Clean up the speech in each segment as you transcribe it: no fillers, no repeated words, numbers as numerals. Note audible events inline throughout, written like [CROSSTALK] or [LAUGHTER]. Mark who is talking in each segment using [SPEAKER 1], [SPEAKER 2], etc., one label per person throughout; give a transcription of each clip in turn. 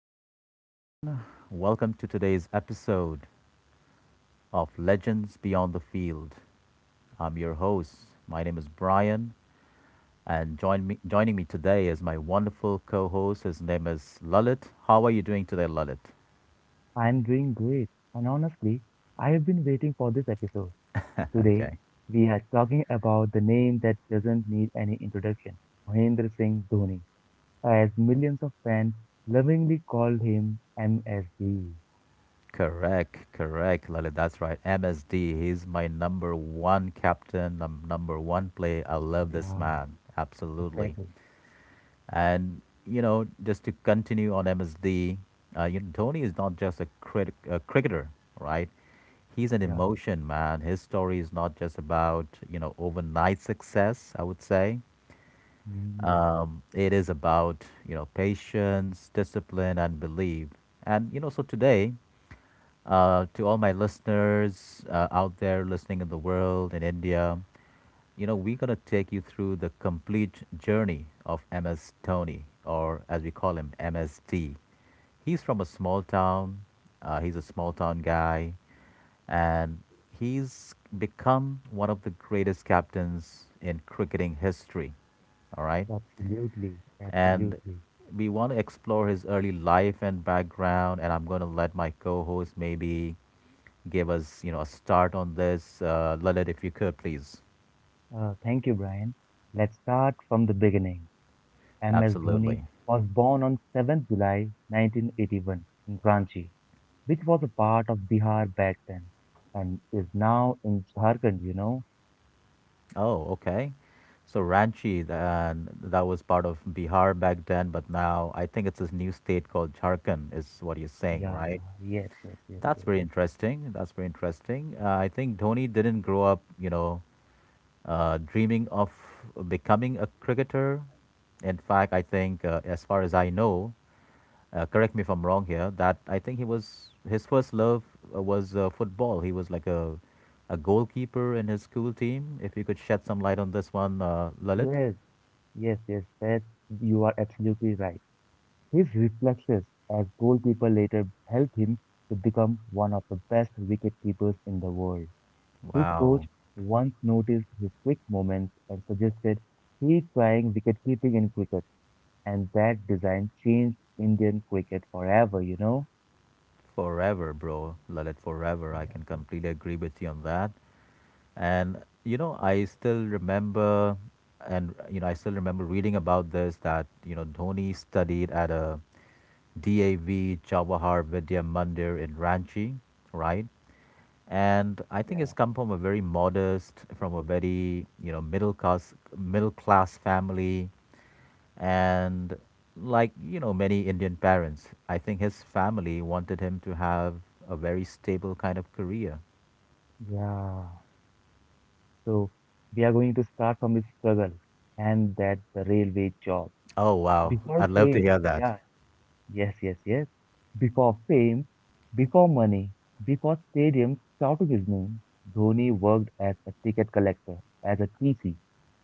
[SPEAKER 1] hello everyone. Welcome to today's episode of Legends Beyond the Field. I'm your host. My name is Brian, and joining me today is my wonderful co-host. His name is Lalit. How are you doing today, Lalit?
[SPEAKER 2] I'm doing great, and honestly, I have been waiting for this episode. Today,
[SPEAKER 1] Okay.
[SPEAKER 2] we are talking about the name that doesn't need any introduction. Mahendra Singh Dhoni, as millions of fans lovingly call him, MSD.
[SPEAKER 1] Correct, correct, Lalit. That's right. MSD. He's my number one captain, number one play. I love this
[SPEAKER 2] Yeah,
[SPEAKER 1] man. Absolutely.
[SPEAKER 2] exactly.
[SPEAKER 1] And you know, just to continue on MSD, you know, Dhoni is not just a cricketer, right? He's an
[SPEAKER 2] Yeah,
[SPEAKER 1] emotion, man. His story is not just about you know overnight success. I would say
[SPEAKER 2] mhm.
[SPEAKER 1] it is about you know patience, discipline, and belief. And you know, so today, to all my listeners out there listening in the world in India. You know, we're going to take you through the complete journey of MS Tony, or as we call him, MST. He's from a small town, he's a small town guy, and he's become one of the greatest captains in cricketing history. All right.
[SPEAKER 2] Absolutely,
[SPEAKER 1] And
[SPEAKER 2] absolutely.
[SPEAKER 1] we want to explore his early life and background, and I'm going to let my co host maybe give us, you know, a start on this. Lalit, if you could, please.
[SPEAKER 2] Thank you, Brian. Let's start from the beginning. MS Dhoni
[SPEAKER 1] Absolutely.
[SPEAKER 2] was born on July 7th 1981 in Ranchi, which was a part of Bihar back then and is now in Jharkhand, you know?
[SPEAKER 1] Oh, okay. So Ranchi, that was part of Bihar back then, but now I think it's this new state called Jharkhand, is what you're saying,
[SPEAKER 2] Yeah,
[SPEAKER 1] right?
[SPEAKER 2] yes, yes, yes,
[SPEAKER 1] That's
[SPEAKER 2] yes.
[SPEAKER 1] very interesting. That's very interesting. I think Dhoni didn't grow up, you know, dreaming of becoming a cricketer. In fact, I think, as far as I know, correct me if I'm wrong here, that I think he was his first love was football. He was like a goalkeeper in his school team. If you could shed some light on this one, Lalit.
[SPEAKER 2] Yes, yes, yes, that you are absolutely right. His reflexes as goalkeeper later helped him to become one of the best wicketkeepers in the world. His coach
[SPEAKER 1] Wow,
[SPEAKER 2] once noticed his quick movements and suggested he trying wicketkeeping in cricket, and that design changed Indian cricket forever, you know?
[SPEAKER 1] forever, bro, Lalit, forever. I
[SPEAKER 2] Yeah,
[SPEAKER 1] can completely agree with you on that. And you know, I still remember, and you know, I still remember reading about this that you know Dhoni studied at a, DAV Jawahar Vidya Mandir in Ranchi, right? And I think
[SPEAKER 2] yeah,
[SPEAKER 1] it's come from a very modest, from a very you know middle class family, and like you know many Indian parents, I think his family wanted him to have a very stable kind of career.
[SPEAKER 2] yeah. So we are going to start from the struggle and that the railway job.
[SPEAKER 1] Oh wow,
[SPEAKER 2] Before
[SPEAKER 1] I'd love to
[SPEAKER 2] fame,
[SPEAKER 1] hear that.
[SPEAKER 2] yeah, yes, yes, yes. Before fame, before money, before stadiums shouted his name, Dhoni worked as a ticket collector, as a TC,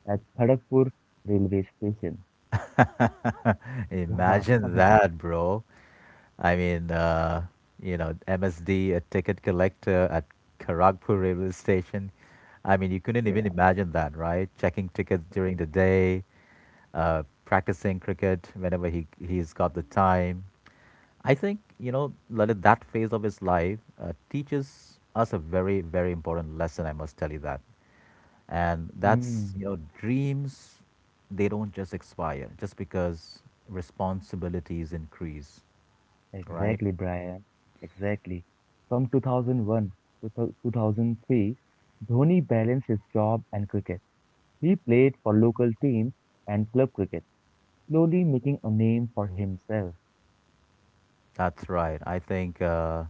[SPEAKER 2] at Kharagpur railway station.
[SPEAKER 1] [LAUGHS] Imagine
[SPEAKER 2] [LAUGHS]
[SPEAKER 1] that, bro. I mean, you know, MSD, a ticket collector at Kharagpur railway station. I mean, you couldn't
[SPEAKER 2] Yeah.
[SPEAKER 1] even imagine that, right? Checking tickets during the day, practicing cricket whenever he's got the time. I think you know Lalit, that phase of his life teaches us a very very important lesson. I must tell you that, and that's
[SPEAKER 2] Mm,
[SPEAKER 1] you know dreams they don't just expire just because responsibilities increase, right?
[SPEAKER 2] exactly, Brian. Exactly. From 2001 to 2003, Dhoni balanced his job and cricket. He played for local teams and club cricket, slowly making a name for himself.
[SPEAKER 1] That's right. I think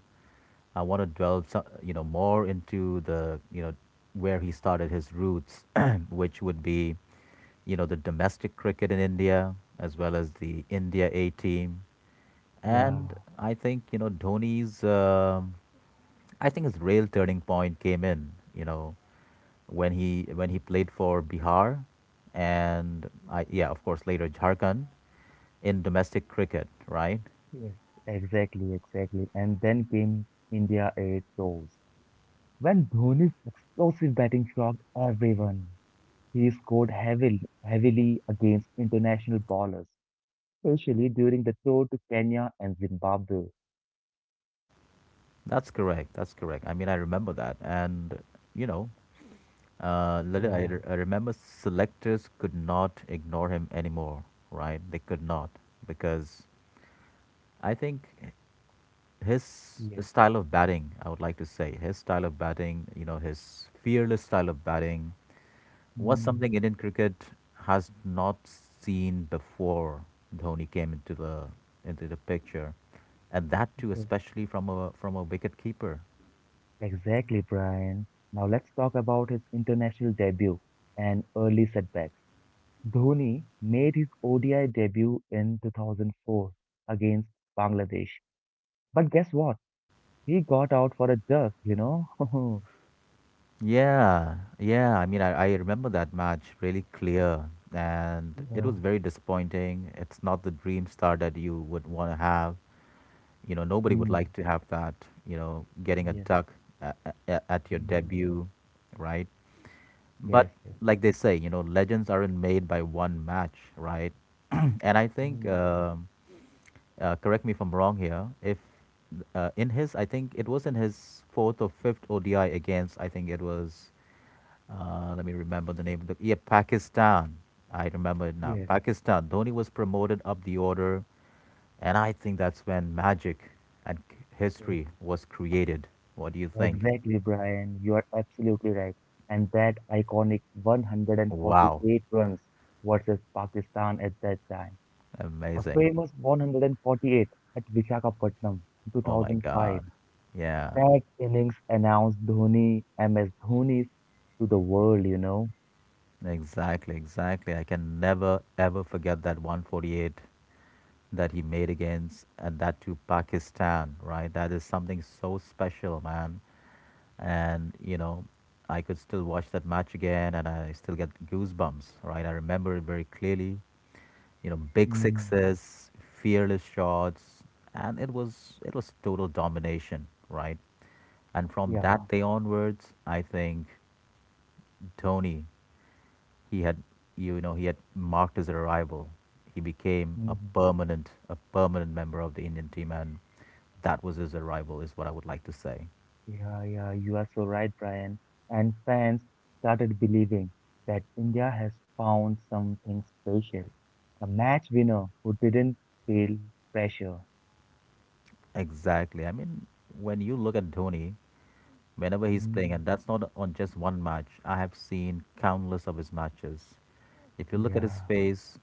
[SPEAKER 1] I want to you know, more into the, you know, where he started his roots, [CLEARS THROAT] which would be, you know, the domestic cricket in India as well as the India A team,
[SPEAKER 2] Yeah,
[SPEAKER 1] and I think you know Dhoni's. I think his real turning point came in, you know, when he played for Bihar, and I yeah, of course later Jharkhand in domestic cricket, right?
[SPEAKER 2] yes, exactly, exactly. And then came India 8 tours. When Dhoni's explosive batting shocked everyone, he scored heavily, heavily against international bowlers, especially during the tour to Kenya and Zimbabwe.
[SPEAKER 1] That's correct. That's correct. I mean, I remember that. And, you know, Lalit,
[SPEAKER 2] Yeah,
[SPEAKER 1] I remember selectors could not ignore him anymore, right? They could not because I think his
[SPEAKER 2] yes,
[SPEAKER 1] style of batting, I would like to say, his style of batting, you know, his fearless style of batting was
[SPEAKER 2] mm,
[SPEAKER 1] something Indian cricket has not seen before Dhoni came into the picture. And that too,
[SPEAKER 2] yes,
[SPEAKER 1] especially from a wicket keeper.
[SPEAKER 2] exactly, Brian. Now let's talk about his international debut and early setback. Dhoni made his ODI debut in 2004 against Bangladesh. But guess what? He got out for a duck, you know? [LAUGHS]
[SPEAKER 1] Yeah, yeah. I mean, I remember that match really clear, and it
[SPEAKER 2] Yeah.
[SPEAKER 1] was very disappointing. It's not the dream start that you would want to have. You know, nobody would
[SPEAKER 2] Mm,
[SPEAKER 1] like to have that, you know, getting a
[SPEAKER 2] yes.
[SPEAKER 1] duck at, at your
[SPEAKER 2] Mhm.
[SPEAKER 1] debut, right? But
[SPEAKER 2] Yes, yes, yes.
[SPEAKER 1] like they say, you know, legends aren't made by one match, right? [CLEARS THROAT] and I think,
[SPEAKER 2] Mhm.
[SPEAKER 1] um uh, correct me if I'm wrong here, if in his, I think it was in his fourth or fifth ODI against, I think it was let me remember the name of the yeah Pakistan. I remember it now.
[SPEAKER 2] Yes,
[SPEAKER 1] Pakistan. Dhoni was promoted up the order, and I think that's when magic and history
[SPEAKER 2] yes.
[SPEAKER 1] was created. What do you think?
[SPEAKER 2] Exactly, Brian. You are absolutely right. And that iconic
[SPEAKER 1] Wow,
[SPEAKER 2] 148 runs versus Pakistan at that time. A
[SPEAKER 1] amazing!
[SPEAKER 2] famous 148 at Visakhapatnam,
[SPEAKER 1] Oh my
[SPEAKER 2] 2005.
[SPEAKER 1] God, yeah,
[SPEAKER 2] That innings announced Dhoni, MS Dhoni, to the world, you know.
[SPEAKER 1] exactly, exactly. I can never ever forget that 148 that he made against and that to Pakistan. Right, that is something so special, man. And you know, I could still watch that match again and I still get goosebumps, right? I remember it very clearly. You know, big
[SPEAKER 2] Mm,
[SPEAKER 1] sixes, fearless shots, and it was total domination, right? And from
[SPEAKER 2] yeah,
[SPEAKER 1] that day onwards, I think Tony, he had, you know, he had marked his arrival. He became a
[SPEAKER 2] mhm.
[SPEAKER 1] permanent a permanent member of the Indian team, and that was his arrival, is what I would like to say.
[SPEAKER 2] Yeah, yeah, you are so right, Brian. And fans started believing that India has found something special, a match winner who didn't feel pressure.
[SPEAKER 1] Exactly. I mean, when you look at Dhoni, whenever he's playing,
[SPEAKER 2] Mm,
[SPEAKER 1] and that's not on just one match, I have seen countless of his matches. If you look at his
[SPEAKER 2] yeah,
[SPEAKER 1] face,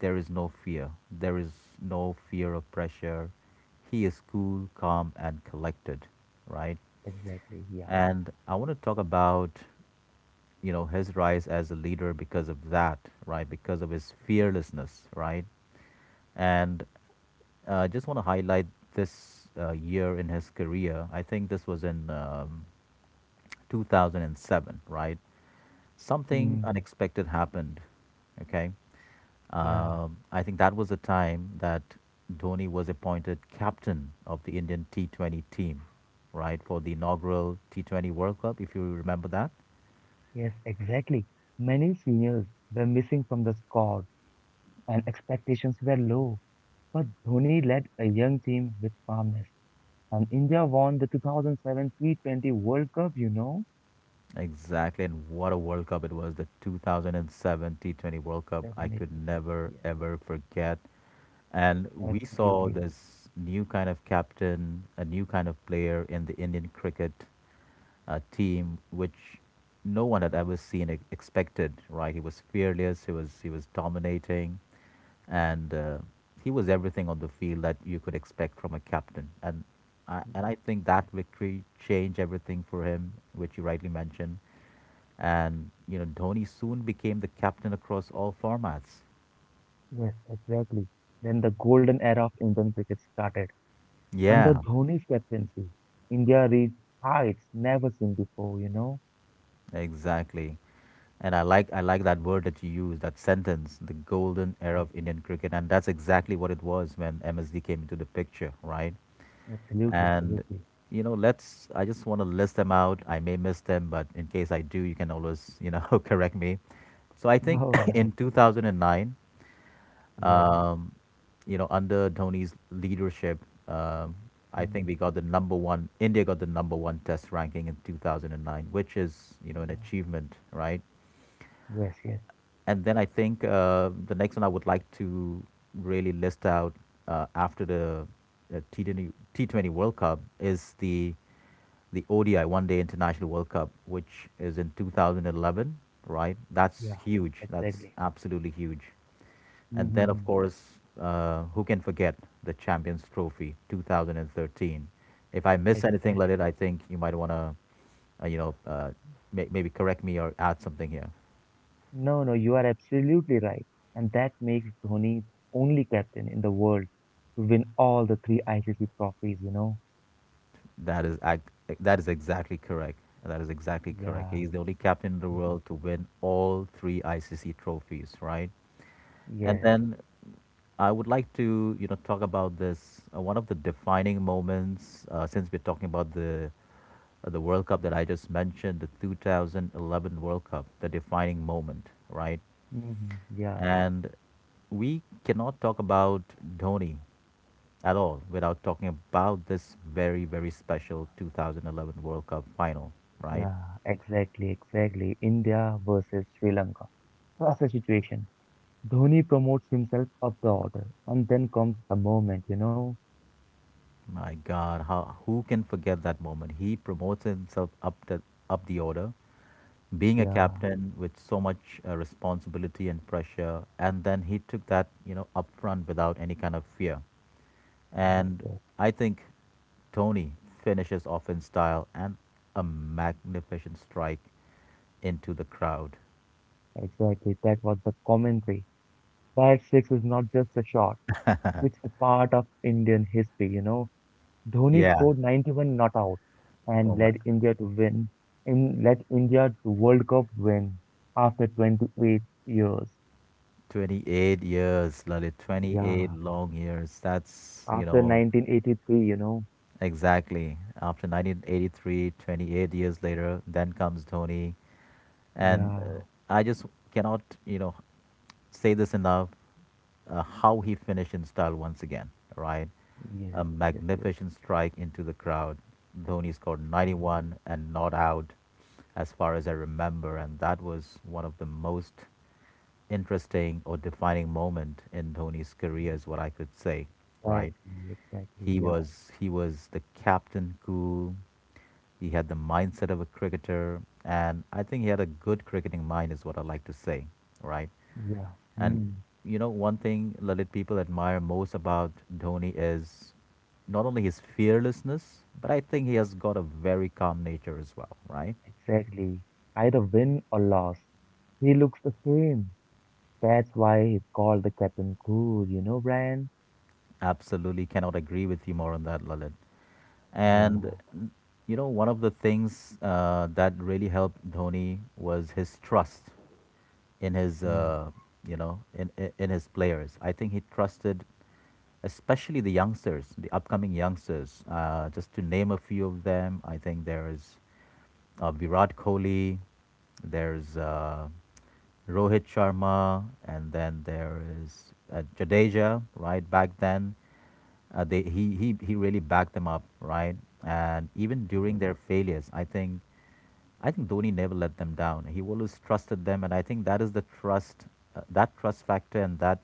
[SPEAKER 1] there is no fear. There is no fear of pressure. He is cool, calm, and collected, right?
[SPEAKER 2] exactly, yeah.
[SPEAKER 1] And I want to talk about, you know, his rise as a leader because of that, right? Because of his fearlessness, right? And I just want to highlight this year in his career. I think this was in 2007, right? Something
[SPEAKER 2] Mm,
[SPEAKER 1] unexpected happened. Okay.
[SPEAKER 2] yeah,
[SPEAKER 1] I think that was the time that Dhoni was appointed captain of the Indian T20 team, right, for the inaugural T20 World Cup, if you remember that.
[SPEAKER 2] yes, exactly. Many seniors were missing from the squad and expectations were low. But Dhoni led a young team with calmness, and India won the 2007 T20 World Cup, you know?
[SPEAKER 1] Exactly, and what a World Cup it was. The 2007 T20 World Cup, I could
[SPEAKER 2] Definitely.
[SPEAKER 1] never
[SPEAKER 2] Yes,
[SPEAKER 1] ever forget. And we saw
[SPEAKER 2] absolutely.
[SPEAKER 1] this new kind of captain, a new kind of player in the Indian cricket team, which no one had ever seen expected. Right? He was fearless. He was dominating, and he was everything on the field that you could expect from a captain. And
[SPEAKER 2] Mm,
[SPEAKER 1] I think that victory changed everything for him, which you rightly mentioned. And, you know, Dhoni soon became the captain across all formats.
[SPEAKER 2] yes, exactly. Then the golden era of Indian cricket started. Under
[SPEAKER 1] Yeah,
[SPEAKER 2] Dhoni's captaincy, India reached heights never seen before, you know?
[SPEAKER 1] exactly. And I like that word that you used, that sentence, the golden era
[SPEAKER 2] Yes,
[SPEAKER 1] of Indian cricket, and that's exactly what it was when MSD came into the picture, right?
[SPEAKER 2] absolutely,
[SPEAKER 1] And
[SPEAKER 2] absolutely.
[SPEAKER 1] you know, let's I just want to list them out. I may miss them, but in case I do, you can always, you know, [LAUGHS] correct me. So I think
[SPEAKER 2] Oh,
[SPEAKER 1] [COUGHS] [CLEARS THROAT]
[SPEAKER 2] nice.
[SPEAKER 1] in 2009
[SPEAKER 2] Yeah.
[SPEAKER 1] Um, you know, under Dhoni's leadership, um, I think
[SPEAKER 2] Mm,
[SPEAKER 1] we got the number one. India got the number one Test ranking in 2009, which is you know an
[SPEAKER 2] yeah.
[SPEAKER 1] achievement, right?
[SPEAKER 2] Yes, yes.
[SPEAKER 1] And then I think the next one I would like to really list out after the T20 World Cup is the ODI One Day International World Cup, which is in 2011, right? That's
[SPEAKER 2] Yeah,
[SPEAKER 1] huge. That's
[SPEAKER 2] exactly.
[SPEAKER 1] absolutely huge. And then, of
[SPEAKER 2] Mm-hmm.
[SPEAKER 1] course, who can forget the Champions Trophy 2013? If I miss anything, let it.
[SPEAKER 2] Exactly.
[SPEAKER 1] I think you might want to, you know, maybe correct me or add something here.
[SPEAKER 2] No, no, you are absolutely right. And that makes Dhoni the only captain in the world to win all the three ICC trophies, you know?
[SPEAKER 1] That is ac- that is exactly correct. That is exactly correct.
[SPEAKER 2] Yeah.
[SPEAKER 1] He's the only captain in the
[SPEAKER 2] Mhm.
[SPEAKER 1] world to win all three ICC trophies, right? And
[SPEAKER 2] Yes.
[SPEAKER 1] then I would like to, you know, talk about this one of the defining moments since we're talking about the World Cup that I just mentioned, the 2011 World Cup, the defining moment, right?
[SPEAKER 2] Hmm. Yeah.
[SPEAKER 1] And we cannot talk about Dhoni at all without talking about this very very special 2011 World Cup final, right?
[SPEAKER 2] Yeah. Exactly. Exactly. India versus Sri Lanka. That's the situation. Dhoni promotes himself up the order. And then comes the moment, you know?
[SPEAKER 1] My God, how who can forget that moment? He promotes himself up the order, being a
[SPEAKER 2] Yeah.
[SPEAKER 1] captain with so much responsibility and pressure, and then he took that you know upfront without any kind of fear,
[SPEAKER 2] Yes.
[SPEAKER 1] and
[SPEAKER 2] Yes.
[SPEAKER 1] I think Tony finishes off in style, and a magnificent strike into the crowd.
[SPEAKER 2] Exactly. That was the commentary. That six is not just a shot. It's a part of Indian history, you know? Dhoni
[SPEAKER 1] Yeah.
[SPEAKER 2] scored 91 not out
[SPEAKER 1] Oh
[SPEAKER 2] and
[SPEAKER 1] my,
[SPEAKER 2] led India to World Cup win after 28 years.
[SPEAKER 1] 28 years, Lalit, 28
[SPEAKER 2] Yeah,
[SPEAKER 1] long years, that's you
[SPEAKER 2] after
[SPEAKER 1] know
[SPEAKER 2] 1983, you know.
[SPEAKER 1] exactly after 1983, 28 years later then comes Tony, and
[SPEAKER 2] Yeah,
[SPEAKER 1] I just cannot, you know, say this enough. How he finished in style once again, right? A
[SPEAKER 2] yes, yes, yes.
[SPEAKER 1] magnificent strike into the crowd. Dhoni scored
[SPEAKER 2] Yes,
[SPEAKER 1] 91 and not out, as far as I remember, and that was one of the most interesting or defining moment in Dhoni's career, is what I could say,
[SPEAKER 2] yeah.
[SPEAKER 1] right?
[SPEAKER 2] Exactly, exactly.
[SPEAKER 1] He
[SPEAKER 2] Yeah,
[SPEAKER 1] was he was the captain cool. He had the mindset of a cricketer, and I think he had a good cricketing mind, is what I like to say, right?
[SPEAKER 2] yeah.
[SPEAKER 1] And
[SPEAKER 2] Hmm,
[SPEAKER 1] one thing Lalit people admire most about Dhoni is not only his fearlessness, but I think he has got a very calm nature as well, right?
[SPEAKER 2] exactly. Either win or loss. He looks the same. That's why he's called the Captain Cool, you know, Brian?
[SPEAKER 1] Absolutely, cannot agree with you more on that, Lalit. And
[SPEAKER 2] Yeah.
[SPEAKER 1] one of the things that really helped Dhoni was his trust in his
[SPEAKER 2] Mm,
[SPEAKER 1] you know in his players. I think he trusted, especially the youngsters, the upcoming youngsters. Just to name a few of them, I think there is Virat Kohli, there's Rohit Sharma, and then there is Jadeja. Right back then, they he really backed them up, right? And even during
[SPEAKER 2] yeah.
[SPEAKER 1] their failures, I think Dhoni never let them down. He always trusted them, and I think that is the trust, that trust factor, and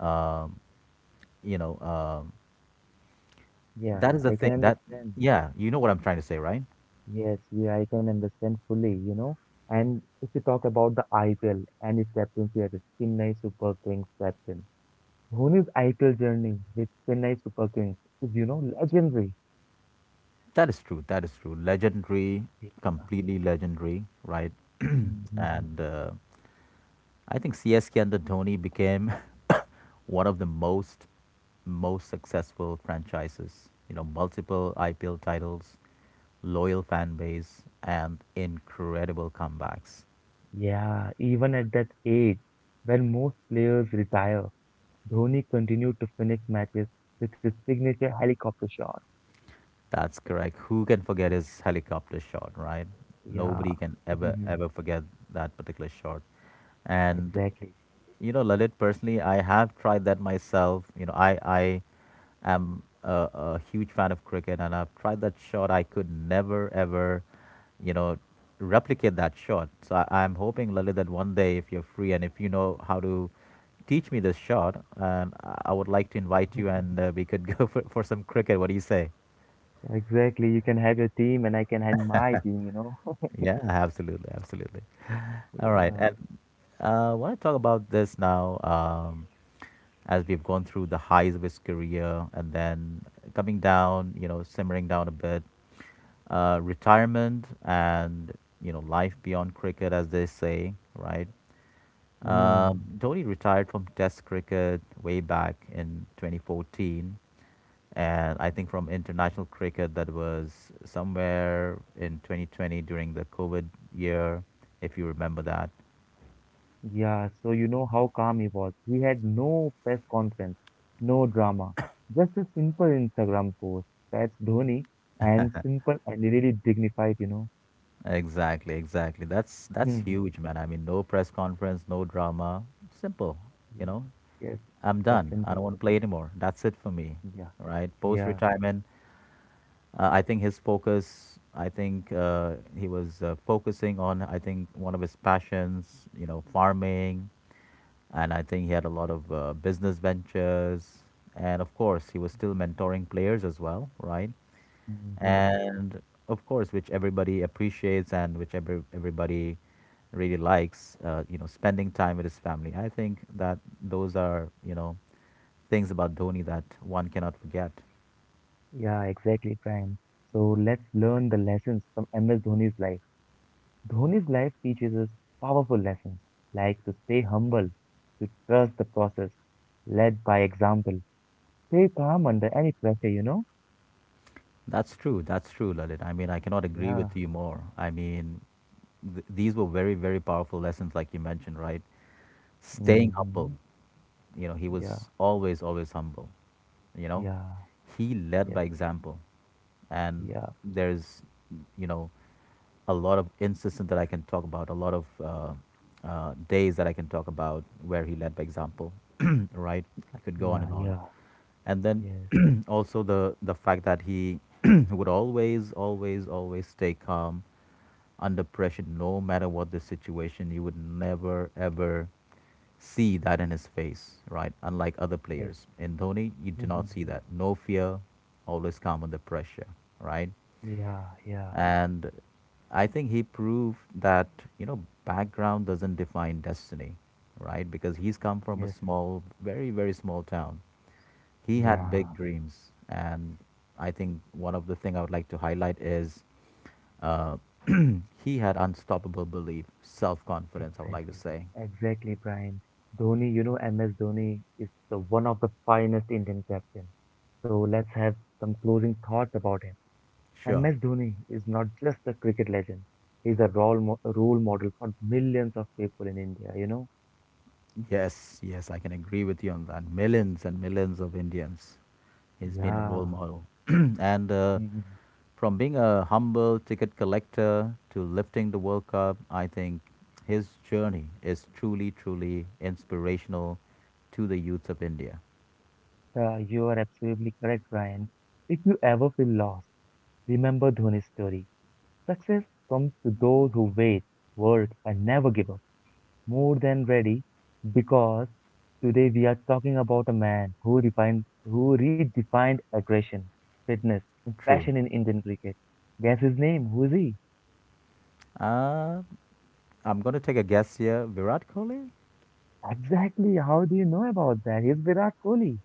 [SPEAKER 1] um, you know, um, that
[SPEAKER 2] Yeah,
[SPEAKER 1] is the
[SPEAKER 2] I can
[SPEAKER 1] thing.
[SPEAKER 2] understand.
[SPEAKER 1] You know what I'm trying to say, right?
[SPEAKER 2] Yes, yeah, I can understand fully, you know. And if you talk about the IPL and its captaincy as a Chennai Super Kings captain, Dhoni's IPL journey with Chennai Super Kings is legendary.
[SPEAKER 1] That is true. That is true. Legendary,
[SPEAKER 2] Yeah,
[SPEAKER 1] completely legendary, right? [CLEARS THROAT]
[SPEAKER 2] mhm.
[SPEAKER 1] and I think CSK under Tony became [COUGHS] [LAUGHS] one of the most successful franchises. You know, multiple IPL titles, loyal fan base, and incredible comebacks.
[SPEAKER 2] Yeah, even at that age, when most players retire, Dhoni continued to finish matches with his signature helicopter shot.
[SPEAKER 1] That's correct. Who can forget his helicopter shot, right?
[SPEAKER 2] Yeah,
[SPEAKER 1] Nobody can ever
[SPEAKER 2] [LAUGHS]
[SPEAKER 1] forget that particular shot. And
[SPEAKER 2] exactly.
[SPEAKER 1] you know, Lalit, personally, I have tried that myself. I am a huge fan of cricket, and I've tried that shot. I could never, ever, you know, replicate that shot. So I'm hoping, Lalit, that one day, if you're free and if you know how to teach me this shot, and I would like to invite you, and
[SPEAKER 2] [LAUGHS]
[SPEAKER 1] we could [LAUGHS] go for some cricket. What do you say?
[SPEAKER 2] Exactly. You can have your team and I can have my team, you know. [LAUGHS]
[SPEAKER 1] Yeah, absolutely, absolutely. All right,
[SPEAKER 2] Yeah.
[SPEAKER 1] and I want to talk about this now. As we've gone through the highs of his career, and then coming down, you know, simmering down a bit, retirement and, you know, life beyond cricket, as they say, right?
[SPEAKER 2] Hmm.
[SPEAKER 1] Dhoni retired from Test cricket way back in 2014. And I think from international cricket, that was somewhere in 2020 during the COVID year, if you remember that.
[SPEAKER 2] Yeah, so you know how calm he was. He had no press conference, no drama, just a simple Instagram post. That's Dhoni, and simple and really dignified, you know.
[SPEAKER 1] Exactly, exactly. That's
[SPEAKER 2] Mhm.
[SPEAKER 1] huge, man. I mean, no press conference, no drama. Simple, you
[SPEAKER 2] Yes,
[SPEAKER 1] know.
[SPEAKER 2] yes,
[SPEAKER 1] I'm
[SPEAKER 2] it was
[SPEAKER 1] done. I don't
[SPEAKER 2] simple.
[SPEAKER 1] want to play anymore. That's it for me,
[SPEAKER 2] Yeah,
[SPEAKER 1] right? Post
[SPEAKER 2] yeah,
[SPEAKER 1] retirement, I think his focus. I think he was focusing on, I think, one of his passions, you know, farming, and I think he had a lot of business ventures, and of course, he was still mentoring players as well, right?
[SPEAKER 2] hmm.
[SPEAKER 1] And of course, which everybody appreciates, and which everybody really likes. You know, spending time with his family. I think that those are, you know, things about Dhoni that one cannot forget.
[SPEAKER 2] Yeah, exactly, Prime. So let's learn the lessons from MS Dhoni's life. Dhoni's life teaches us powerful lessons, like to stay humble, to trust the process, led by example, stay calm under any pressure, you know?
[SPEAKER 1] That's true. That's true, Lalit. I mean, I cannot agree
[SPEAKER 2] Yeah.
[SPEAKER 1] with you more. I mean, these were very, very powerful lessons, like you mentioned, right? Staying
[SPEAKER 2] Mm-hmm.
[SPEAKER 1] humble. You know, he
[SPEAKER 2] Yeah,
[SPEAKER 1] was always, always humble. You know,
[SPEAKER 2] yeah,
[SPEAKER 1] he led
[SPEAKER 2] yes,
[SPEAKER 1] by example. And
[SPEAKER 2] yeah,
[SPEAKER 1] there's, you know, a lot of instances that I can talk about, a lot of days that I can talk about where he led by example, [CLEARS THROAT] right? I could go
[SPEAKER 2] yeah,
[SPEAKER 1] on.
[SPEAKER 2] yeah,
[SPEAKER 1] And then
[SPEAKER 2] yes,
[SPEAKER 1] [CLEARS THROAT] also the fact that he [CLEARS THROAT] would always, always, always stay calm under pressure, no matter what the situation. You would never ever see that in his face, right? Unlike other
[SPEAKER 2] yes.
[SPEAKER 1] players. In Dhoni, you do not see
[SPEAKER 2] Mm-hmm.
[SPEAKER 1] that. No fear, always calm under pressure, right?
[SPEAKER 2] Yeah, yeah,
[SPEAKER 1] And I think he proved that, you know, background doesn't define destiny, right? Because he's come from a
[SPEAKER 2] yes,
[SPEAKER 1] small, very, very small town. He had big
[SPEAKER 2] yeah,
[SPEAKER 1] dreams, and I think one of the thing I would like to highlight is uh, [CLEARS THROAT] he had unstoppable belief, self-confidence, I would like to
[SPEAKER 2] exactly.
[SPEAKER 1] say.
[SPEAKER 2] Exactly, Brian. Dhoni, MS Dhoni is the one of the finest Indian captain. So let's have some closing thoughts about him.
[SPEAKER 1] Sure.
[SPEAKER 2] MS Dhoni is not just a cricket legend. He's a role model for millions of people in India, you know?
[SPEAKER 1] Yes, I can agree with you on that. Millions and millions of Indians, he's been a role
[SPEAKER 2] Yeah.
[SPEAKER 1] model. [CLEARS THROAT] and
[SPEAKER 2] Mhm.
[SPEAKER 1] from being a humble ticket collector to lifting the World Cup, I think his journey is truly inspirational to the youth of India.
[SPEAKER 2] You are absolutely correct, Brian. If you ever feel lost, remember Dhoni's story. Success comes to those who wait, work, and never give up. More than ready, because today we are talking about a man who redefined aggression, fitness, and
[SPEAKER 1] True.
[SPEAKER 2] passion in Indian cricket. Guess his name? Who is he?
[SPEAKER 1] Uh, I'm going to take a guess here. Virat Kohli?
[SPEAKER 2] Exactly. How do you know about that? He's Virat Kohli.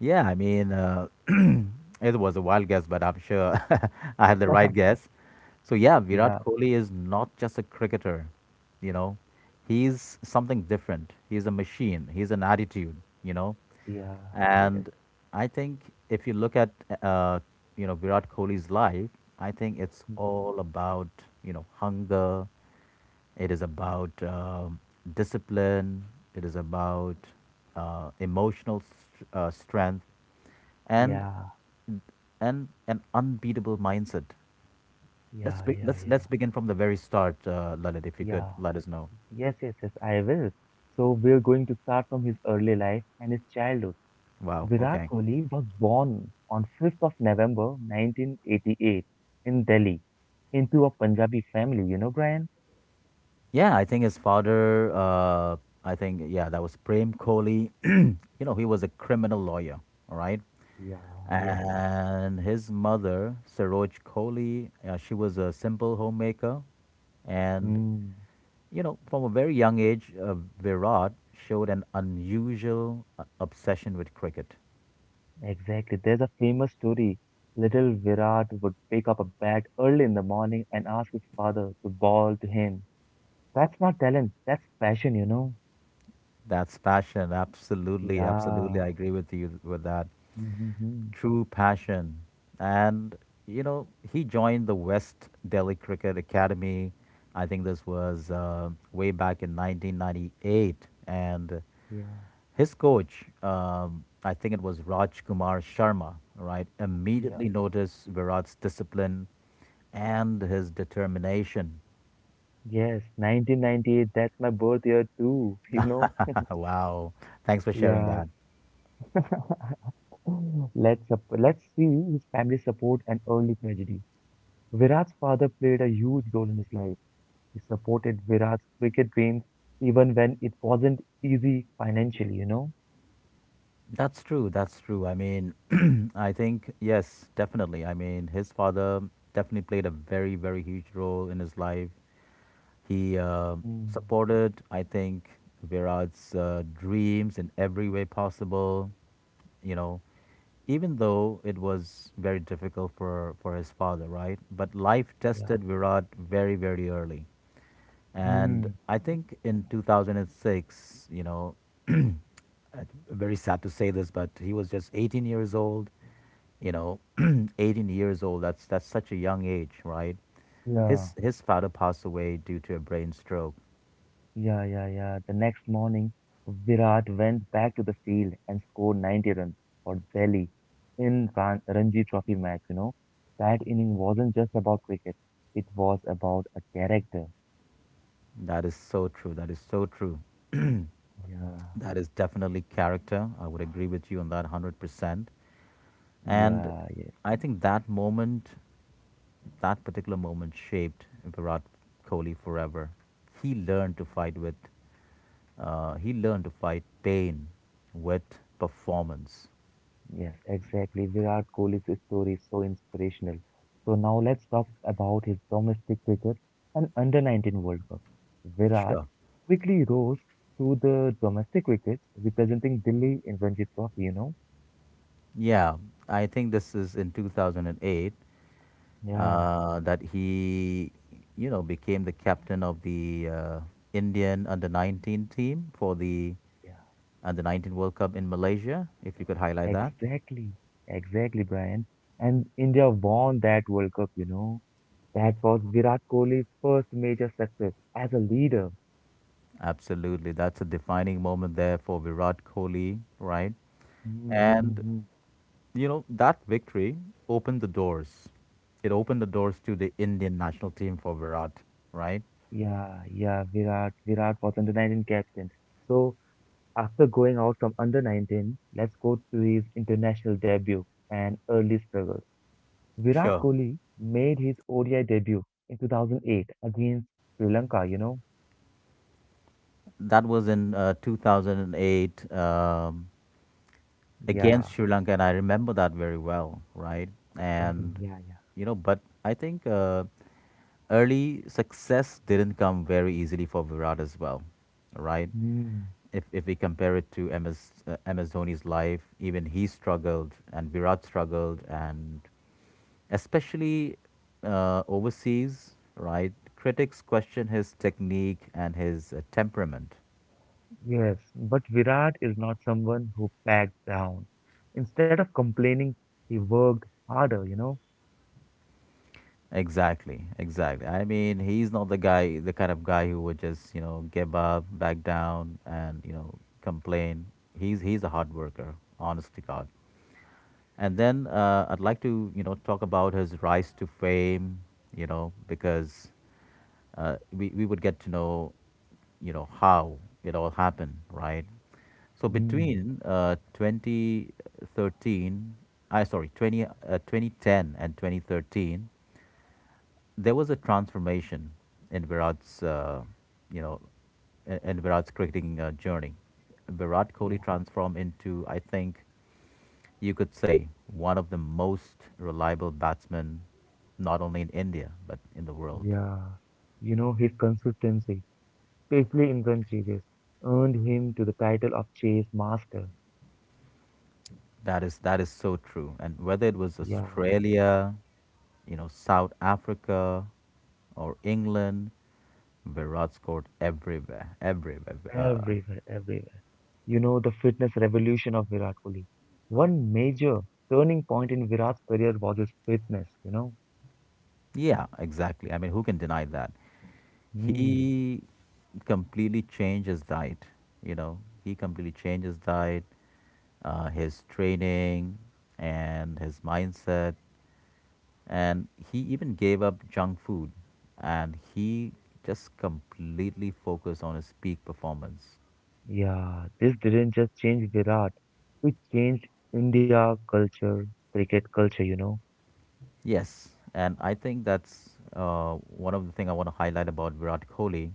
[SPEAKER 1] Yeah, I mean, it was a wild guess, but I'm sure [LAUGHS] I had the right guess. So, yeah, Virat
[SPEAKER 2] Yeah,
[SPEAKER 1] Kohli is not just a cricketer, you know, he's something different. He's a machine, he's an attitude, you know.
[SPEAKER 2] yeah, yes.
[SPEAKER 1] And I think if you look at, uh, you know, Virat Kohli's life, I think it's
[SPEAKER 2] Mhm.
[SPEAKER 1] all about, you know, hunger. It is about discipline. It is about emotional strength, and
[SPEAKER 2] Yeah,
[SPEAKER 1] and an unbeatable mindset. Let's
[SPEAKER 2] yeah,
[SPEAKER 1] be-
[SPEAKER 2] yeah, yeah,
[SPEAKER 1] let's begin from the very start, Lalit. If you could
[SPEAKER 2] yeah.
[SPEAKER 1] let us know.
[SPEAKER 2] Yes, yes, yes, I will. So we're going to start from his early life and his childhood.
[SPEAKER 1] Wow.
[SPEAKER 2] Virat
[SPEAKER 1] Okay.
[SPEAKER 2] Kohli was born on November 5th 1988 in Delhi into a Punjabi family, you know, Brian?
[SPEAKER 1] Yeah, I think his father. I think Yeah, that was Prem Kohli. [CLEARS THROAT] You know, he was a criminal lawyer. All right,
[SPEAKER 2] Yeah, yes.
[SPEAKER 1] and his mother, Saroj Kohli, she was a simple homemaker, and
[SPEAKER 2] Hmm,
[SPEAKER 1] you know, from a very young age, Virat showed an unusual obsession with cricket.
[SPEAKER 2] exactly. There's a famous story. Little Virat would pick up a bat early in the morning and ask his father to ball to him. That's not talent, that's passion, you know?
[SPEAKER 1] That's passion. Absolutely, absolutely.
[SPEAKER 2] Yeah.
[SPEAKER 1] I agree with you with that.
[SPEAKER 2] Mm-hmm.
[SPEAKER 1] True passion. And, you know, he joined the West Delhi Cricket Academy. I think this was way back in 1998. And
[SPEAKER 2] Yeah.
[SPEAKER 1] his coach, I think it was Raj Kumar Sharma, right,
[SPEAKER 2] Yeah.
[SPEAKER 1] immediately noticed Virat's discipline and his determination.
[SPEAKER 2] Yes, 1998, that's my birth year too, [LAUGHS] you know?
[SPEAKER 1] [LAUGHS] Wow. Thanks for sharing that.
[SPEAKER 2] Yeah. [LAUGHS] Let's see his family support and early tragedy. Virat's father played a huge role in his life. He supported Virat's cricket dreams even when it wasn't easy financially, you know?
[SPEAKER 1] That's true. That's true. I mean, [CLEARS THROAT] I think, yes, definitely. I mean, his father definitely played a very, very huge role in his life. He
[SPEAKER 2] Mm,
[SPEAKER 1] supported, I think, Virat's dreams in every way possible, you know, even though it was very difficult for his father, right? But life tested
[SPEAKER 2] yeah.
[SPEAKER 1] Virat very, very early. And
[SPEAKER 2] Mm,
[SPEAKER 1] I think in 2006, you know, uh, very sad to say this, but he was just 18 years old, you know, [CLEARS THROAT] 18 years old. That's such a young age, right?
[SPEAKER 2] yeah.
[SPEAKER 1] His father passed away due to a brain stroke.
[SPEAKER 2] Yeah, yeah, yeah. The next morning, Virat went back to the field and scored 90 runs for Delhi in Ranji Trophy match, you know. That inning wasn't just about cricket, it was about a character.
[SPEAKER 1] That is so true. That is so true.
[SPEAKER 2] Yeah,
[SPEAKER 1] That is definitely character. I would agree with you on that 100%. And
[SPEAKER 2] yeah, yes,
[SPEAKER 1] I think that moment, that particular moment shaped Virat Kohli forever. He learned to fight with, he learned to fight pain with performance.
[SPEAKER 2] yes, exactly. Virat Kohli's story is so inspirational. So now let's talk about his domestic cricket and under 19 World Cup. Virat
[SPEAKER 1] Sure.
[SPEAKER 2] quickly rose to the domestic cricket representing Delhi in Ranji Trophy, you know.
[SPEAKER 1] Yeah, I think this is in 2008.
[SPEAKER 2] Yeah,
[SPEAKER 1] That he, you know, became the captain of the Indian under 19 team for the
[SPEAKER 2] yeah,
[SPEAKER 1] under 19 World Cup in Malaysia. If you could highlight that,
[SPEAKER 2] exactly, exactly, Brian. And India won that World Cup, you know. That was Virat Kohli's first major success as a leader.
[SPEAKER 1] absolutely, that's a defining moment there for Virat Kohli, right? And
[SPEAKER 2] Mm-hmm.
[SPEAKER 1] you know, that victory opened the doors. It opened the doors to the Indian national team for Virat, right?
[SPEAKER 2] Yeah, yeah, Virat was under 19 captain. So after going out from under 19, let's go to his international debut and early struggles. Virat
[SPEAKER 1] Sure.
[SPEAKER 2] Kohli made his ODI debut in 2008 against Sri Lanka, you know.
[SPEAKER 1] That was in 2008.
[SPEAKER 2] Yeah,
[SPEAKER 1] Against Sri Lanka, and I remember that very well, right?
[SPEAKER 2] exactly.
[SPEAKER 1] And
[SPEAKER 2] Yeah, yeah.
[SPEAKER 1] but I think early success didn't come very easily for Virat as well, right?
[SPEAKER 2] Hmm.
[SPEAKER 1] If we compare it to MS Dhoni's life, even he struggled, and Virat struggled, and especially overseas, right? Critics question his technique and his temperament.
[SPEAKER 2] Yes, but Virat is not someone who backed down. Instead of complaining, he worked harder, you know?
[SPEAKER 1] Exactly, exactly. I mean, he's not the guy, the kind of guy who would just, you know, give up, back down, and you know, complain. He's a hard worker, honest to God. And then I'd like to, you know, talk about his rise to fame. You know, because we would get to know, you know, how it all happened, right? So
[SPEAKER 2] Mm,
[SPEAKER 1] between uh, 2013, I sorry, 20, uh, 2010 and 2013, there was a transformation in Virat's, you know, in Virat's cricketing journey. Virat Kohli
[SPEAKER 2] yeah,
[SPEAKER 1] transformed into, I think, you could say, one of the most reliable batsmen, not only in India but in the world.
[SPEAKER 2] yeah. His consistency, especially in run chases, earned him to the title of chase master.
[SPEAKER 1] That is so true. And whether it was
[SPEAKER 2] Yeah,
[SPEAKER 1] Australia, you know, South Africa, or England, Virat scored everywhere, everywhere.
[SPEAKER 2] everywhere, everywhere. The fitness revolution of Virat Kohli. One major turning point in Virat's career was his fitness, you know?
[SPEAKER 1] Yeah, exactly. I mean, who can deny that?
[SPEAKER 2] Mm.
[SPEAKER 1] He completely changed his diet. You know, he completely changed his diet, his training, and his mindset. And he even gave up junk food, and he just completely focused on his peak performance.
[SPEAKER 2] Yeah, this didn't just change Virat, it changed India culture, cricket culture, you know.
[SPEAKER 1] Yes, and I think that's one of the things I want to highlight about Virat Kohli.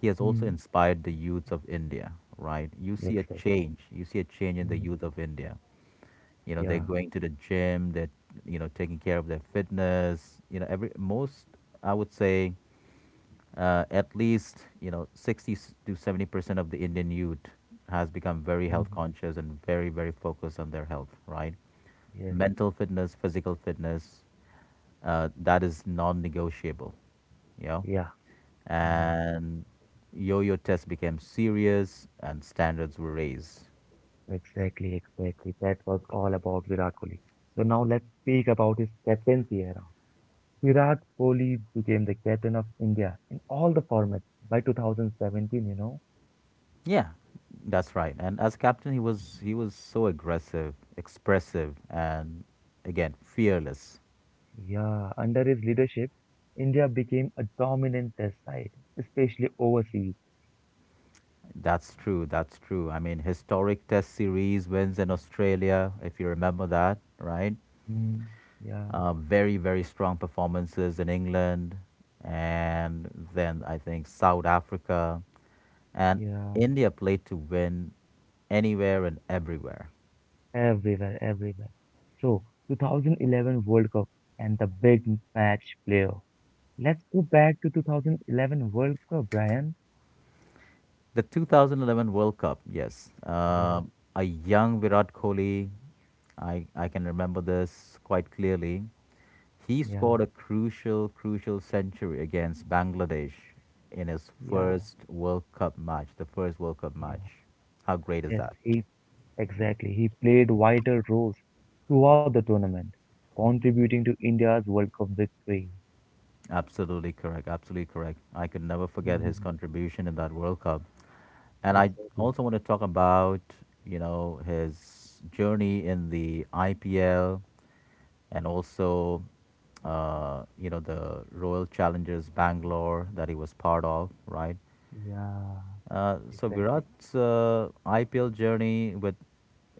[SPEAKER 1] He has also
[SPEAKER 2] Mm.
[SPEAKER 1] inspired the youths of India, right? You see a
[SPEAKER 2] Exactly.
[SPEAKER 1] change. You see a change in the
[SPEAKER 2] Hmm.
[SPEAKER 1] youth of India. You know, they're
[SPEAKER 2] Yeah.
[SPEAKER 1] going to the gym. They're, you know, taking care of their fitness. Every most I would say, at least, 60 to 70% of the Indian youth has become very health
[SPEAKER 2] Hmm.
[SPEAKER 1] conscious and very, very focused on their health, right?
[SPEAKER 2] Yes.
[SPEAKER 1] Mental fitness, physical fitness, that is non-negotiable you know
[SPEAKER 2] Yeah. Mm.
[SPEAKER 1] and yo-yo test became serious and standards were raised.
[SPEAKER 2] Exactly. Exactly. That was all about Virat Kohli. So now let's speak about his captaincy era. Virat Kohli became the captain of India in all the formats by 2017, you know.
[SPEAKER 1] Yeah, that's right. And as captain, he was so aggressive, expressive, and again fearless.
[SPEAKER 2] Yeah. Under his leadership, India became a dominant test side, especially overseas.
[SPEAKER 1] That's true. That's true. I mean, historic Test series wins in Australia, if you remember that, right?
[SPEAKER 2] Mm, yeah,
[SPEAKER 1] Very, very strong performances in England, and then I think South Africa, and
[SPEAKER 2] yeah,
[SPEAKER 1] India played to win anywhere and everywhere.
[SPEAKER 2] everywhere, everywhere. So, 2011 World Cup and the big match playoff. Let's go back to 2011 World Cup, Brian.
[SPEAKER 1] The 2011 World Cup, yes,
[SPEAKER 2] Yeah,
[SPEAKER 1] a young Virat Kohli, I can remember this quite clearly. He
[SPEAKER 2] yeah,
[SPEAKER 1] scored a crucial, crucial century against Bangladesh in his
[SPEAKER 2] yeah,
[SPEAKER 1] first World Cup match, the first World Cup
[SPEAKER 2] yeah.
[SPEAKER 1] match. How great is
[SPEAKER 2] Yes,
[SPEAKER 1] that?
[SPEAKER 2] he exactly. He played vital roles throughout the tournament, contributing to India's World Cup victory.
[SPEAKER 1] Absolutely correct. Absolutely correct. I could never forget his
[SPEAKER 2] Mhm,
[SPEAKER 1] contribution in that World Cup. And I
[SPEAKER 2] exactly.
[SPEAKER 1] also want to talk about, his journey in the IPL, and also, the Royal Challengers Bangalore that he was part of, right?
[SPEAKER 2] Yeah,
[SPEAKER 1] So
[SPEAKER 2] exactly.
[SPEAKER 1] Virat's IPL journey with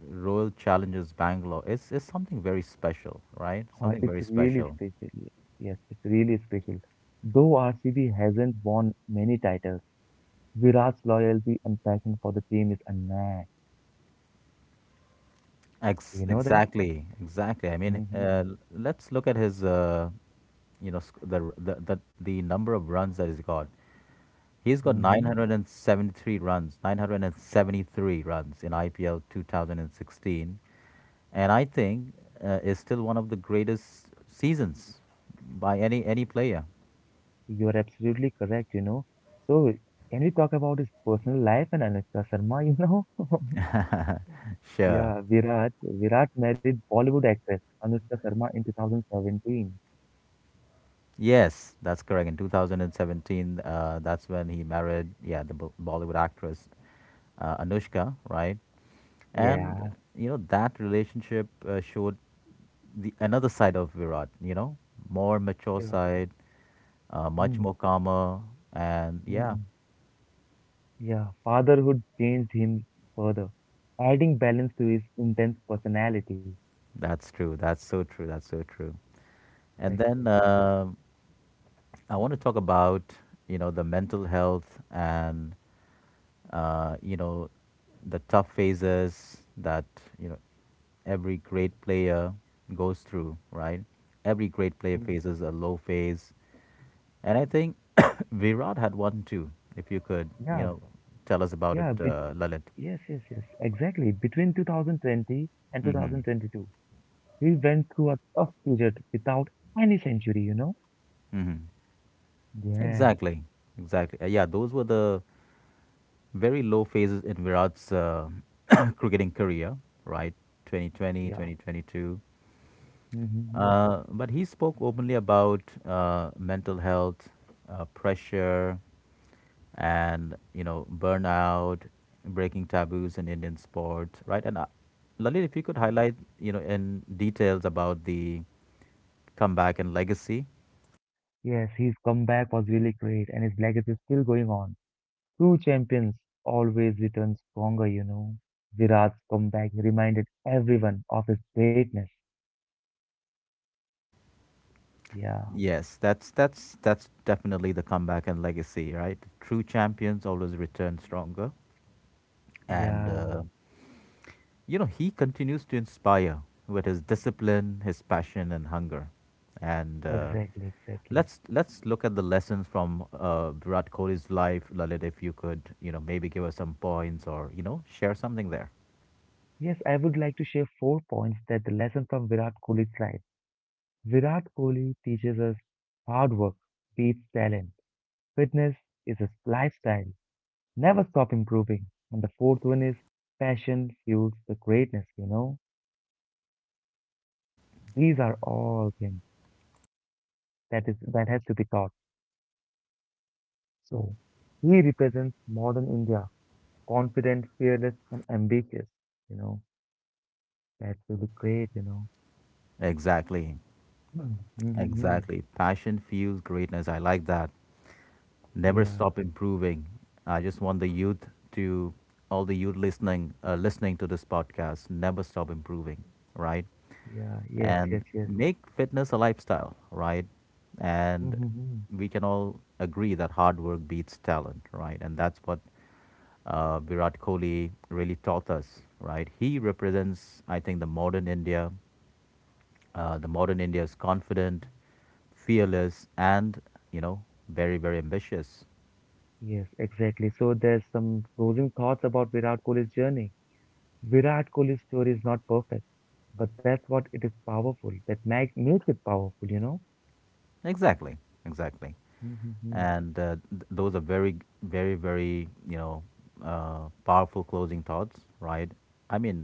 [SPEAKER 1] Royal Challengers Bangalore is something very special, right? Something
[SPEAKER 2] It's
[SPEAKER 1] very
[SPEAKER 2] really
[SPEAKER 1] special.
[SPEAKER 2] special. Yes, it's really special. Though RCB hasn't won many titles, Virat's loyalty and passion for the team is unmatched.
[SPEAKER 1] Ex-
[SPEAKER 2] You know that?
[SPEAKER 1] exactly, exactly. I mean,
[SPEAKER 2] Mm-hmm.
[SPEAKER 1] let's look at his, you know, sc- the, r- the number of runs that he's got. He's got
[SPEAKER 2] Mm-hmm.
[SPEAKER 1] 973 runs, 973 runs in IPL 2016. And I think is still one of the greatest seasons by any player.
[SPEAKER 2] You're absolutely correct, you know. So, can we talk about his personal life and Anushka Sharma, you know? [LAUGHS]
[SPEAKER 1] Sure.
[SPEAKER 2] Yeah, Virat married Bollywood actress Anushka Sharma in 2017.
[SPEAKER 1] Yes, that's correct. In 2017, that's when he married, yeah, the Bollywood actress, Anushka, right? And
[SPEAKER 2] Yeah.
[SPEAKER 1] that relationship, showed the another side of Virat. More mature
[SPEAKER 2] Yeah.
[SPEAKER 1] side, much more calmer, and yeah,
[SPEAKER 2] Mm-hmm. Yeah, fatherhood changed him further, adding balance to his intense personality.
[SPEAKER 1] that's true. That's so true. That's so true.
[SPEAKER 2] Yeah,
[SPEAKER 1] And then
[SPEAKER 2] exactly.
[SPEAKER 1] I want to talk about the mental health, and uh, you know, the tough phases that, you know, every great player goes through, right? Every great player
[SPEAKER 2] Mm.
[SPEAKER 1] faces a low phase. And I think [COUGHS] Virat had one too, if you could,
[SPEAKER 2] Yeah,
[SPEAKER 1] tell us about it,
[SPEAKER 2] yeah, but
[SPEAKER 1] Lalit.
[SPEAKER 2] yes, yes, yes, exactly. Between 2020 and
[SPEAKER 1] Mm-hmm.
[SPEAKER 2] 2022, he went through a tough period without any century, you know?
[SPEAKER 1] Mm-hmm.
[SPEAKER 2] Yes.
[SPEAKER 1] Exactly. Exactly. Yeah, those were the very low phases in Virat's [COUGHS] cricketing career, right? 2020,
[SPEAKER 2] Yeah.
[SPEAKER 1] 2022.
[SPEAKER 2] Mm-hmm.
[SPEAKER 1] But he spoke openly about mental health, pressure, and burnout, breaking taboos in Indian sports, right? And Lalit, if you could highlight, in details about the comeback and legacy.
[SPEAKER 2] Yes, his comeback was really great, and his legacy is still going on. True champions always return stronger, you know. Virat's comeback reminded everyone of his greatness. Yeah,
[SPEAKER 1] Yes, that's definitely the comeback and legacy, right? True champions always return stronger, and
[SPEAKER 2] yeah,
[SPEAKER 1] he continues to inspire with his discipline, his passion, and hunger. And
[SPEAKER 2] exactly, exactly.
[SPEAKER 1] let's look at the lessons from Virat Kohli's life, Lalit. If you could, maybe give us some points, or share something there.
[SPEAKER 2] Yes, I would like to share four points that the lesson from Virat Kohli's life. Virat Kohli teaches us hard work beats talent. Fitness is a lifestyle. Never stop improving. And the fourth one is passion fuels the greatness, you know. These are all things that has to be taught. So he represents modern India, confident, fearless, and ambitious, you know. That will be great, you know.
[SPEAKER 1] Exactly,
[SPEAKER 2] [CLEARS THROAT] Mm-hmm.
[SPEAKER 1] exactly. Passion fuels greatness. I like that. Never
[SPEAKER 2] Yeah,
[SPEAKER 1] stop improving. I just want the youth to all the youth listening, listening to this podcast, never stop improving. Right?
[SPEAKER 2] yeah, yes, yes,
[SPEAKER 1] And
[SPEAKER 2] yes.
[SPEAKER 1] make fitness a lifestyle, right? And
[SPEAKER 2] Mm-hmm.
[SPEAKER 1] we can all agree that hard work beats talent, right? And that's what Virat Kohli really taught us, right? He represents, I think, the modern India. The modern India is confident, fearless, and you know, very, very ambitious.
[SPEAKER 2] Yes, exactly. So there's some closing thoughts about Virat Kohli's journey. Virat Kohli's story is not perfect, but that's what it is powerful. That makes it powerful, you know?
[SPEAKER 1] Exactly, exactly.
[SPEAKER 2] Mm-hmm.
[SPEAKER 1] And those are very, very, very, powerful closing thoughts, right? I mean,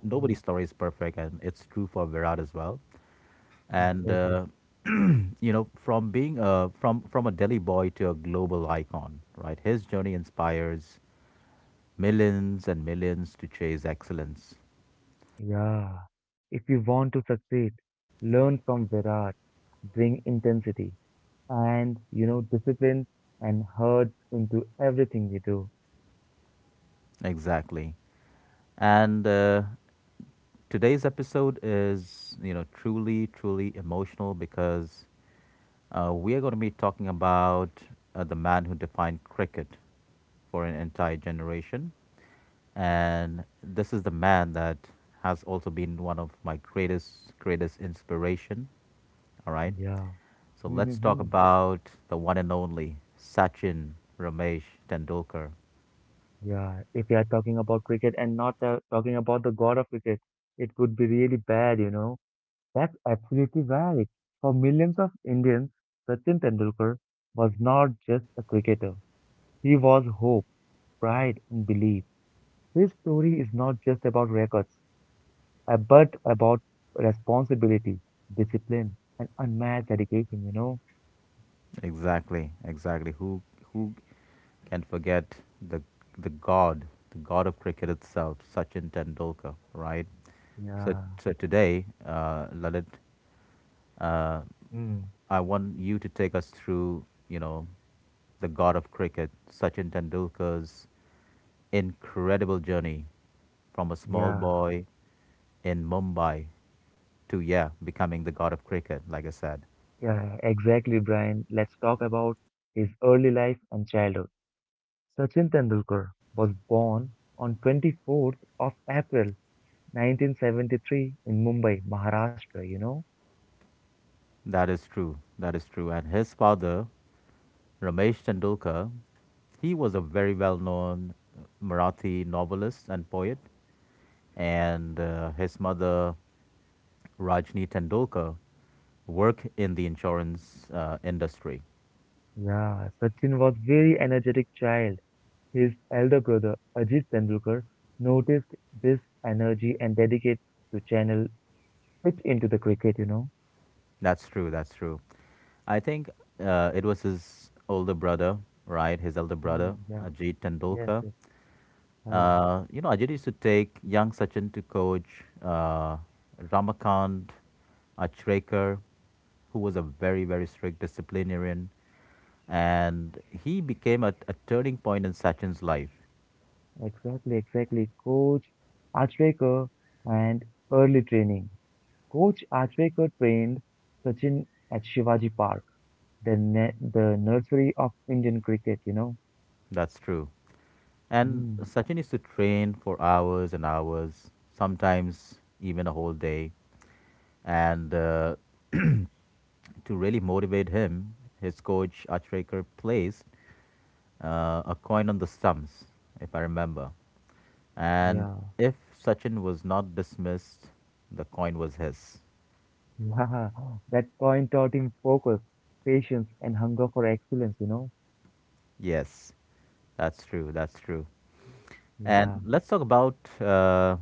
[SPEAKER 2] Mm-hmm.
[SPEAKER 1] nobody's story is perfect, and it's true for Virat as well. And
[SPEAKER 2] Exactly.
[SPEAKER 1] from being a, from a Delhi boy to a global icon, right, his journey inspires millions and millions to chase excellence.
[SPEAKER 2] Yeah. If you want to succeed, learn from Virat, bring intensity and, you know, discipline and hurt into everything you do.
[SPEAKER 1] Exactly. And today's episode is, truly, truly emotional, because we are going to be talking about the man who defined cricket for an entire generation. And this is the man that has also been one of my greatest, greatest inspiration. All right.
[SPEAKER 2] Yeah.
[SPEAKER 1] So let's
[SPEAKER 2] [LAUGHS]
[SPEAKER 1] talk about the one and only Sachin Ramesh Tendulkar.
[SPEAKER 2] Yeah, if you are talking about cricket and not talking about the god of cricket, it would be really bad, you know. That's absolutely right. For millions of Indians, Sachin Tendulkar was not just a cricketer. He was hope, pride, and belief. His story is not just about records, but about responsibility, discipline, and unmatched dedication, you know.
[SPEAKER 1] Exactly, exactly. Who can forget the the god, the god of cricket itself, Sachin Tendulkar, right? So,
[SPEAKER 2] Yeah.
[SPEAKER 1] so today, Lalit, uh,
[SPEAKER 2] Mm.
[SPEAKER 1] I want you to take us through, the god of cricket, Sachin Tendulkar's incredible journey from a small
[SPEAKER 2] Yeah.
[SPEAKER 1] boy in Mumbai to, yeah, becoming the god of cricket, like I said.
[SPEAKER 2] Yeah, exactly, Brian. Let's talk about his early life and childhood. Sachin Tendulkar was born on 24th of April 1973 in Mumbai, Maharashtra, you know?
[SPEAKER 1] That is true. That is true. And his father, Ramesh Tendulkar, he was a very well known Marathi novelist and poet, and his mother, Rajni Tendulkar, worked in the insurance industry.
[SPEAKER 2] Yeah, Sachin was very energetic child. His elder brother Ajit Tendulkar noticed this energy and dedicated to channel it into the cricket, you know?
[SPEAKER 1] That's true, that's true. I think it was his older brother, right? His elder
[SPEAKER 2] Mm,
[SPEAKER 1] brother,
[SPEAKER 2] yeah,
[SPEAKER 1] Ajit
[SPEAKER 2] yes,
[SPEAKER 1] Tendulkar.
[SPEAKER 2] yes. Ah,
[SPEAKER 1] Ajit used to take young Sachin to coach Ramakant Achrekar, who was a very, very strict disciplinarian. And he became a turning point in Sachin's life.
[SPEAKER 2] exactly, exactly. Coach Achrekar and early training. Coach Achrekar trained Sachin at Shivaji Park. The nursery of Indian cricket, you know.
[SPEAKER 1] That's true. And
[SPEAKER 2] Mm,
[SPEAKER 1] Sachin used to train for hours and hours, sometimes even a whole day. And to really motivate him, his coach Achrekar placed a coin on the stumps, if I remember. And
[SPEAKER 2] yeah,
[SPEAKER 1] if Sachin was not dismissed, the coin was his.
[SPEAKER 2] [LAUGHS] yeah. That coin taught him focus, patience, and hunger for excellence, you know.
[SPEAKER 1] Yes, that's true. That's true. And
[SPEAKER 2] Yeah,
[SPEAKER 1] let's talk about uh,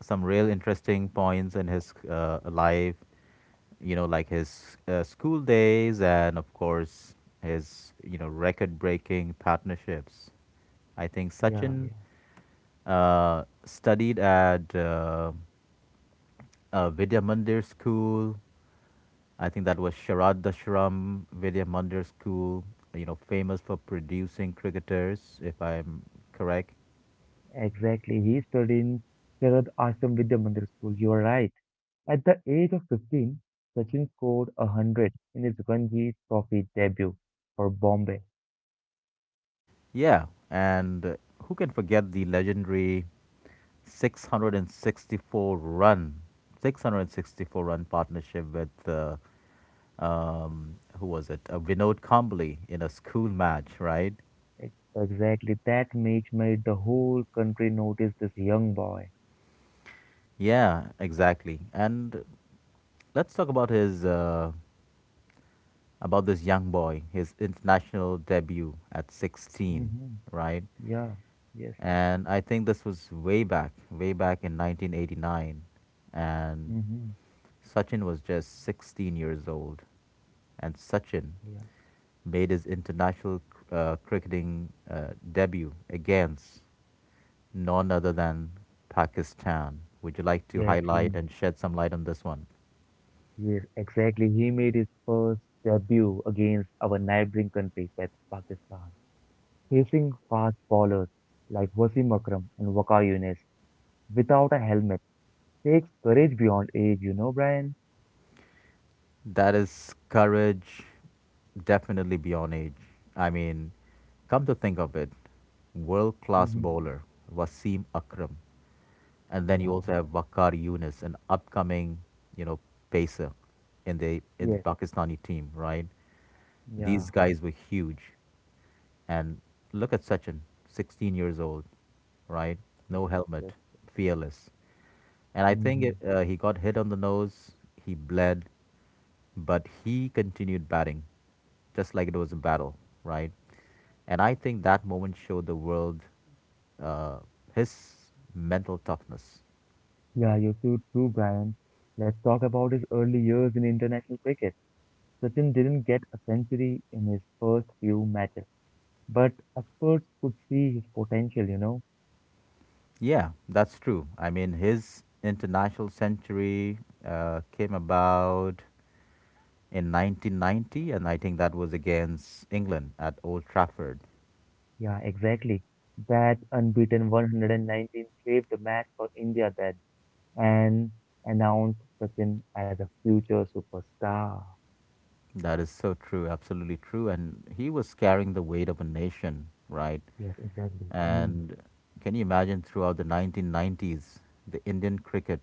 [SPEAKER 1] some real interesting points in his life, like his school days, and of course, his, record breaking partnerships. I think
[SPEAKER 2] yeah,
[SPEAKER 1] Sachin
[SPEAKER 2] yeah.
[SPEAKER 1] studied at Vidya Mandir School. I think that was Sharadashram Vidya Mandir School, famous for producing cricketers, if I'm correct.
[SPEAKER 2] Exactly. He studied in Sharad Ashram Vidya Mandir School. You are right. At the age of 15, Sachin scored a hundred in his Ranji Trophy debut for Bombay.
[SPEAKER 1] Yeah, and who can forget the legendary 664 run, 664 run partnership with, who was it, Vinod Kambli, in a school match, right?
[SPEAKER 2] Exactly. That match made the whole country notice this young boy.
[SPEAKER 1] Yeah, exactly. And let's talk about his about this young boy, his international debut at 16,
[SPEAKER 2] Hmm.
[SPEAKER 1] right?
[SPEAKER 2] Yeah. Yes.
[SPEAKER 1] And I think this was way back in 1989. And
[SPEAKER 2] Hmm.
[SPEAKER 1] Sachin was just 16 years old. And Sachin
[SPEAKER 2] Yeah.
[SPEAKER 1] made his international cricketing debut against none other than Pakistan. Would you like to
[SPEAKER 2] Yes, he,
[SPEAKER 1] highlight and shed some light on this one?
[SPEAKER 2] yes, exactly. He made his first debut against our neighboring country, Pakistan, facing fast bowlers like Wasim Akram and Waqar Yunus without a helmet. Takes courage beyond age, you know, Brian?
[SPEAKER 1] That is courage, definitely beyond age. I mean, come to think of it, world class
[SPEAKER 2] Hmm.
[SPEAKER 1] bowler Wasim Akram, and then you also
[SPEAKER 2] Yeah.
[SPEAKER 1] have Wakar Yunus, an upcoming, you know, pacer in the
[SPEAKER 2] Yes.
[SPEAKER 1] Pakistani team, right? These
[SPEAKER 2] Yeah.
[SPEAKER 1] guys were huge, and look at Sachin, 16 years old, right? No
[SPEAKER 2] Yes.
[SPEAKER 1] helmet,
[SPEAKER 2] Yes.
[SPEAKER 1] fearless, and I think
[SPEAKER 2] Hmm.
[SPEAKER 1] he got hit on the nose. He bled, but he continued batting, just like it was a battle, right? And I think that moment showed the world uh, his mental toughness.
[SPEAKER 2] Yeah, you're so true, Brian. Let's talk about his early years in international cricket. Sachin didn't get a century in his first few matches, but experts could see his potential, you know.
[SPEAKER 1] Yeah, that's true. I mean, his international century came about in 1990, and I think that was against England at Old Trafford.
[SPEAKER 2] Yeah, exactly. That unbeaten 119 saved the match for India then and announced Sachin as a future superstar.
[SPEAKER 1] That is so true, absolutely true. And he was carrying the weight of a nation, right?
[SPEAKER 2] Yes, exactly. Mm,
[SPEAKER 1] And can you imagine, throughout the 1990s, the Indian cricket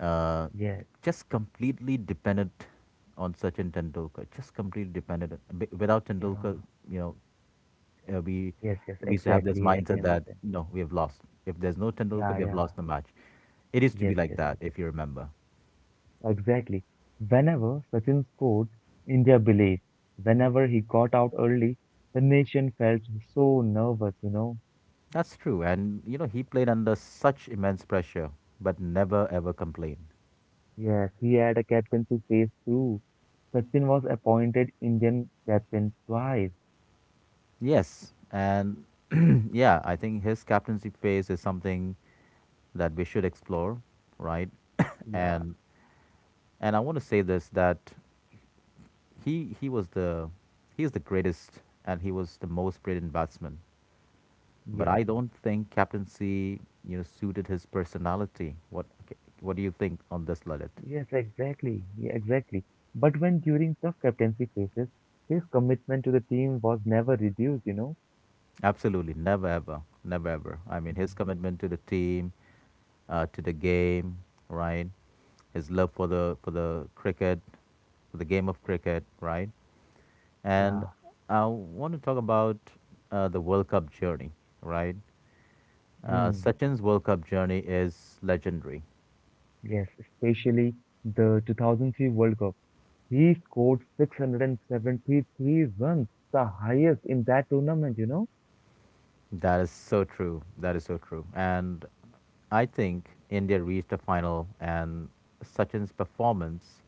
[SPEAKER 1] uh,
[SPEAKER 2] yes,
[SPEAKER 1] just completely dependent on Sachin Tendulkar, just completely dependent. Without
[SPEAKER 2] yeah,
[SPEAKER 1] Tendulkar, you know, uh, we
[SPEAKER 2] yes, yes,
[SPEAKER 1] we used to have this
[SPEAKER 2] exactly. I can
[SPEAKER 1] mindset that
[SPEAKER 2] understand.
[SPEAKER 1] no, we have lost. If there's no Tendulkar,
[SPEAKER 2] Yeah,
[SPEAKER 1] we have
[SPEAKER 2] yeah,
[SPEAKER 1] lost the match. It used to be
[SPEAKER 2] yes,
[SPEAKER 1] like
[SPEAKER 2] yes,
[SPEAKER 1] that,
[SPEAKER 2] yes,
[SPEAKER 1] if you remember.
[SPEAKER 2] exactly. Whenever Sachin scored, India believed. Whenever he got out early, the nation felt so nervous, you know.
[SPEAKER 1] That's true. And, he played under such immense pressure, but never ever complained.
[SPEAKER 2] Yes, he had a captaincy phase too. Sachin was appointed Indian captain twice.
[SPEAKER 1] Yes. And, [CLEARS THROAT] yeah, I think his captaincy phase is something that we should explore, right? [COUGHS]
[SPEAKER 2] Yeah,
[SPEAKER 1] and and I want to say this, that he he was the he is the greatest, and he was the most brilliant batsman, but
[SPEAKER 2] yeah,
[SPEAKER 1] I don't think captaincy suited his personality. What Okay, what do you think on this, Lalit?
[SPEAKER 2] yes, exactly, yeah, exactly. But when during tough captaincy phases, his commitment to the team was never reduced, you know.
[SPEAKER 1] Absolutely, never ever, never ever. I mean,
[SPEAKER 2] Mm.
[SPEAKER 1] his commitment to the team, to the game, right? His love for the cricket, for the game of cricket, right? And
[SPEAKER 2] Yeah,
[SPEAKER 1] I want to talk about the World Cup journey, right? Uh,
[SPEAKER 2] mm,
[SPEAKER 1] Sachin's World Cup journey is legendary.
[SPEAKER 2] yes, especially the 2003 World Cup. He scored 673 runs, the highest in that tournament, you know.
[SPEAKER 1] That is so true. That is so true. And I think India reached the final, and Sachin's performance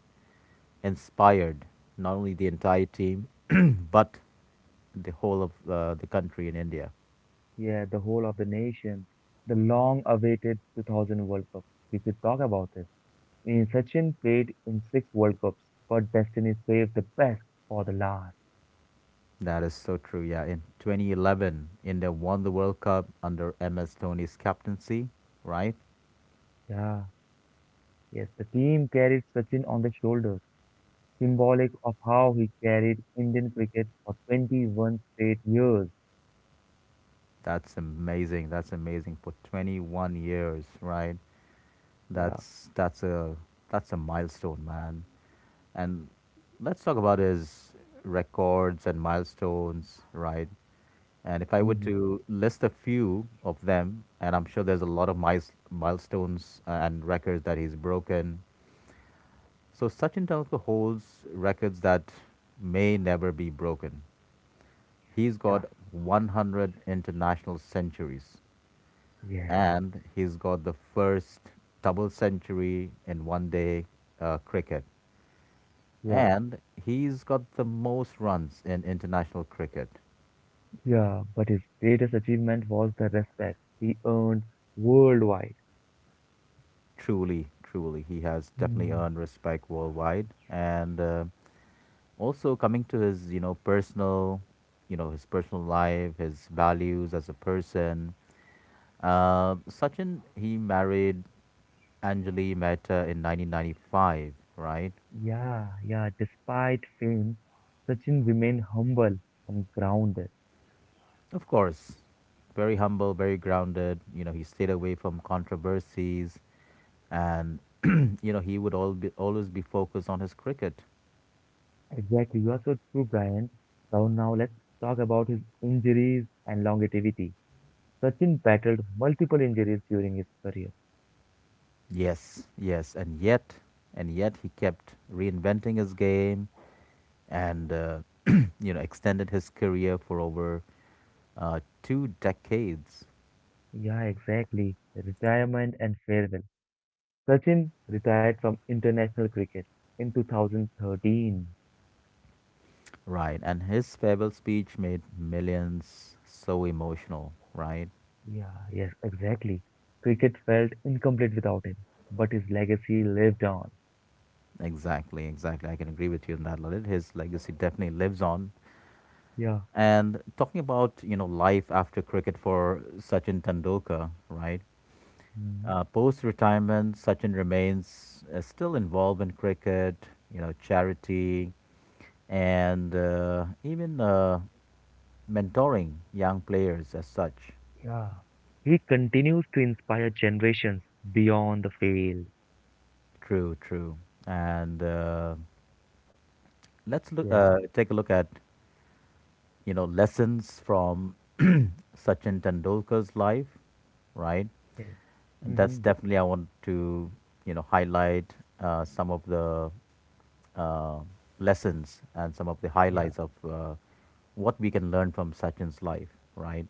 [SPEAKER 1] inspired not only the entire team, [CLEARS THROAT] but the whole of the country in India.
[SPEAKER 2] Yeah, the whole of the nation, the long-awaited 2000 World Cup. We should talk about this. I mean, Sachin played in six World Cups, but destiny saved the best for the last.
[SPEAKER 1] That is so true. Yeah, in 2011, India won the World Cup under MS Dhoni's captaincy, right?
[SPEAKER 2] Yeah, yes, the team carried Sachin on their shoulders, symbolic of how he carried Indian cricket for 21 straight years.
[SPEAKER 1] That's amazing. That's amazing for 21 years, right?
[SPEAKER 2] Yeah,
[SPEAKER 1] That's that's a that's a milestone, man. And let's talk about his records and milestones, right? And if I were
[SPEAKER 2] hmm,
[SPEAKER 1] to list a few of them, and I'm sure there's a lot of milestones, and records that he's broken. So Sachin Tendulkar holds records that may never be broken. He's
[SPEAKER 2] yeah,
[SPEAKER 1] got 100 international centuries,
[SPEAKER 2] yes,
[SPEAKER 1] and he's got the first double century in one day cricket.
[SPEAKER 2] yeah,
[SPEAKER 1] And he's got the most runs in international cricket.
[SPEAKER 2] yeah. But his greatest achievement was the respect he earned worldwide.
[SPEAKER 1] Truly, truly, he has definitely
[SPEAKER 2] Mm-hmm.
[SPEAKER 1] earned respect worldwide. And also coming to his, you know, personal, you know, his personal life, his values as a person. Sachin, he married Anjali Mehta in 1995, right?
[SPEAKER 2] Yeah, yeah. Despite fame, Sachin remained humble and grounded.
[SPEAKER 1] Of course, very humble, very grounded. He stayed away from controversies, and [CLEARS THROAT] he would always be focused on his cricket.
[SPEAKER 2] Exactly. You are so true, Brian. So now let's talk about his injuries and longevity. Sachin battled multiple injuries during his career.
[SPEAKER 1] Yes, yes, and yet he kept reinventing his game, and extended his career for over 2 decades.
[SPEAKER 2] Yeah, exactly. Retirement and farewell. Sachin retired from international cricket in 2013.
[SPEAKER 1] Right. And his farewell speech made millions so emotional. Right,
[SPEAKER 2] Yeah, yes, exactly. Cricket felt incomplete without him, but his legacy lived on.
[SPEAKER 1] exactly, exactly. I can agree with you on that, Lalit. His legacy definitely lives on.
[SPEAKER 2] Yeah.
[SPEAKER 1] And talking about, life after cricket for Sachin Tendulkar, right?
[SPEAKER 2] Mm-hmm.
[SPEAKER 1] Post-retirement, Sachin remains still involved in cricket, you know, charity, and even mentoring young players as such.
[SPEAKER 2] Yeah. He continues to inspire generations beyond the field.
[SPEAKER 1] True, true. And let's look,
[SPEAKER 2] Yeah.
[SPEAKER 1] take a look at, you know, lessons from [CLEARS THROAT] Sachin Tendulkar's life, right?
[SPEAKER 2] Yes.
[SPEAKER 1] That's
[SPEAKER 2] Mm-hmm.
[SPEAKER 1] definitely I want to you know highlight some of the uh, lessons and some of the
[SPEAKER 2] Yeah.
[SPEAKER 1] highlights of what we can learn from Sachin's life, right?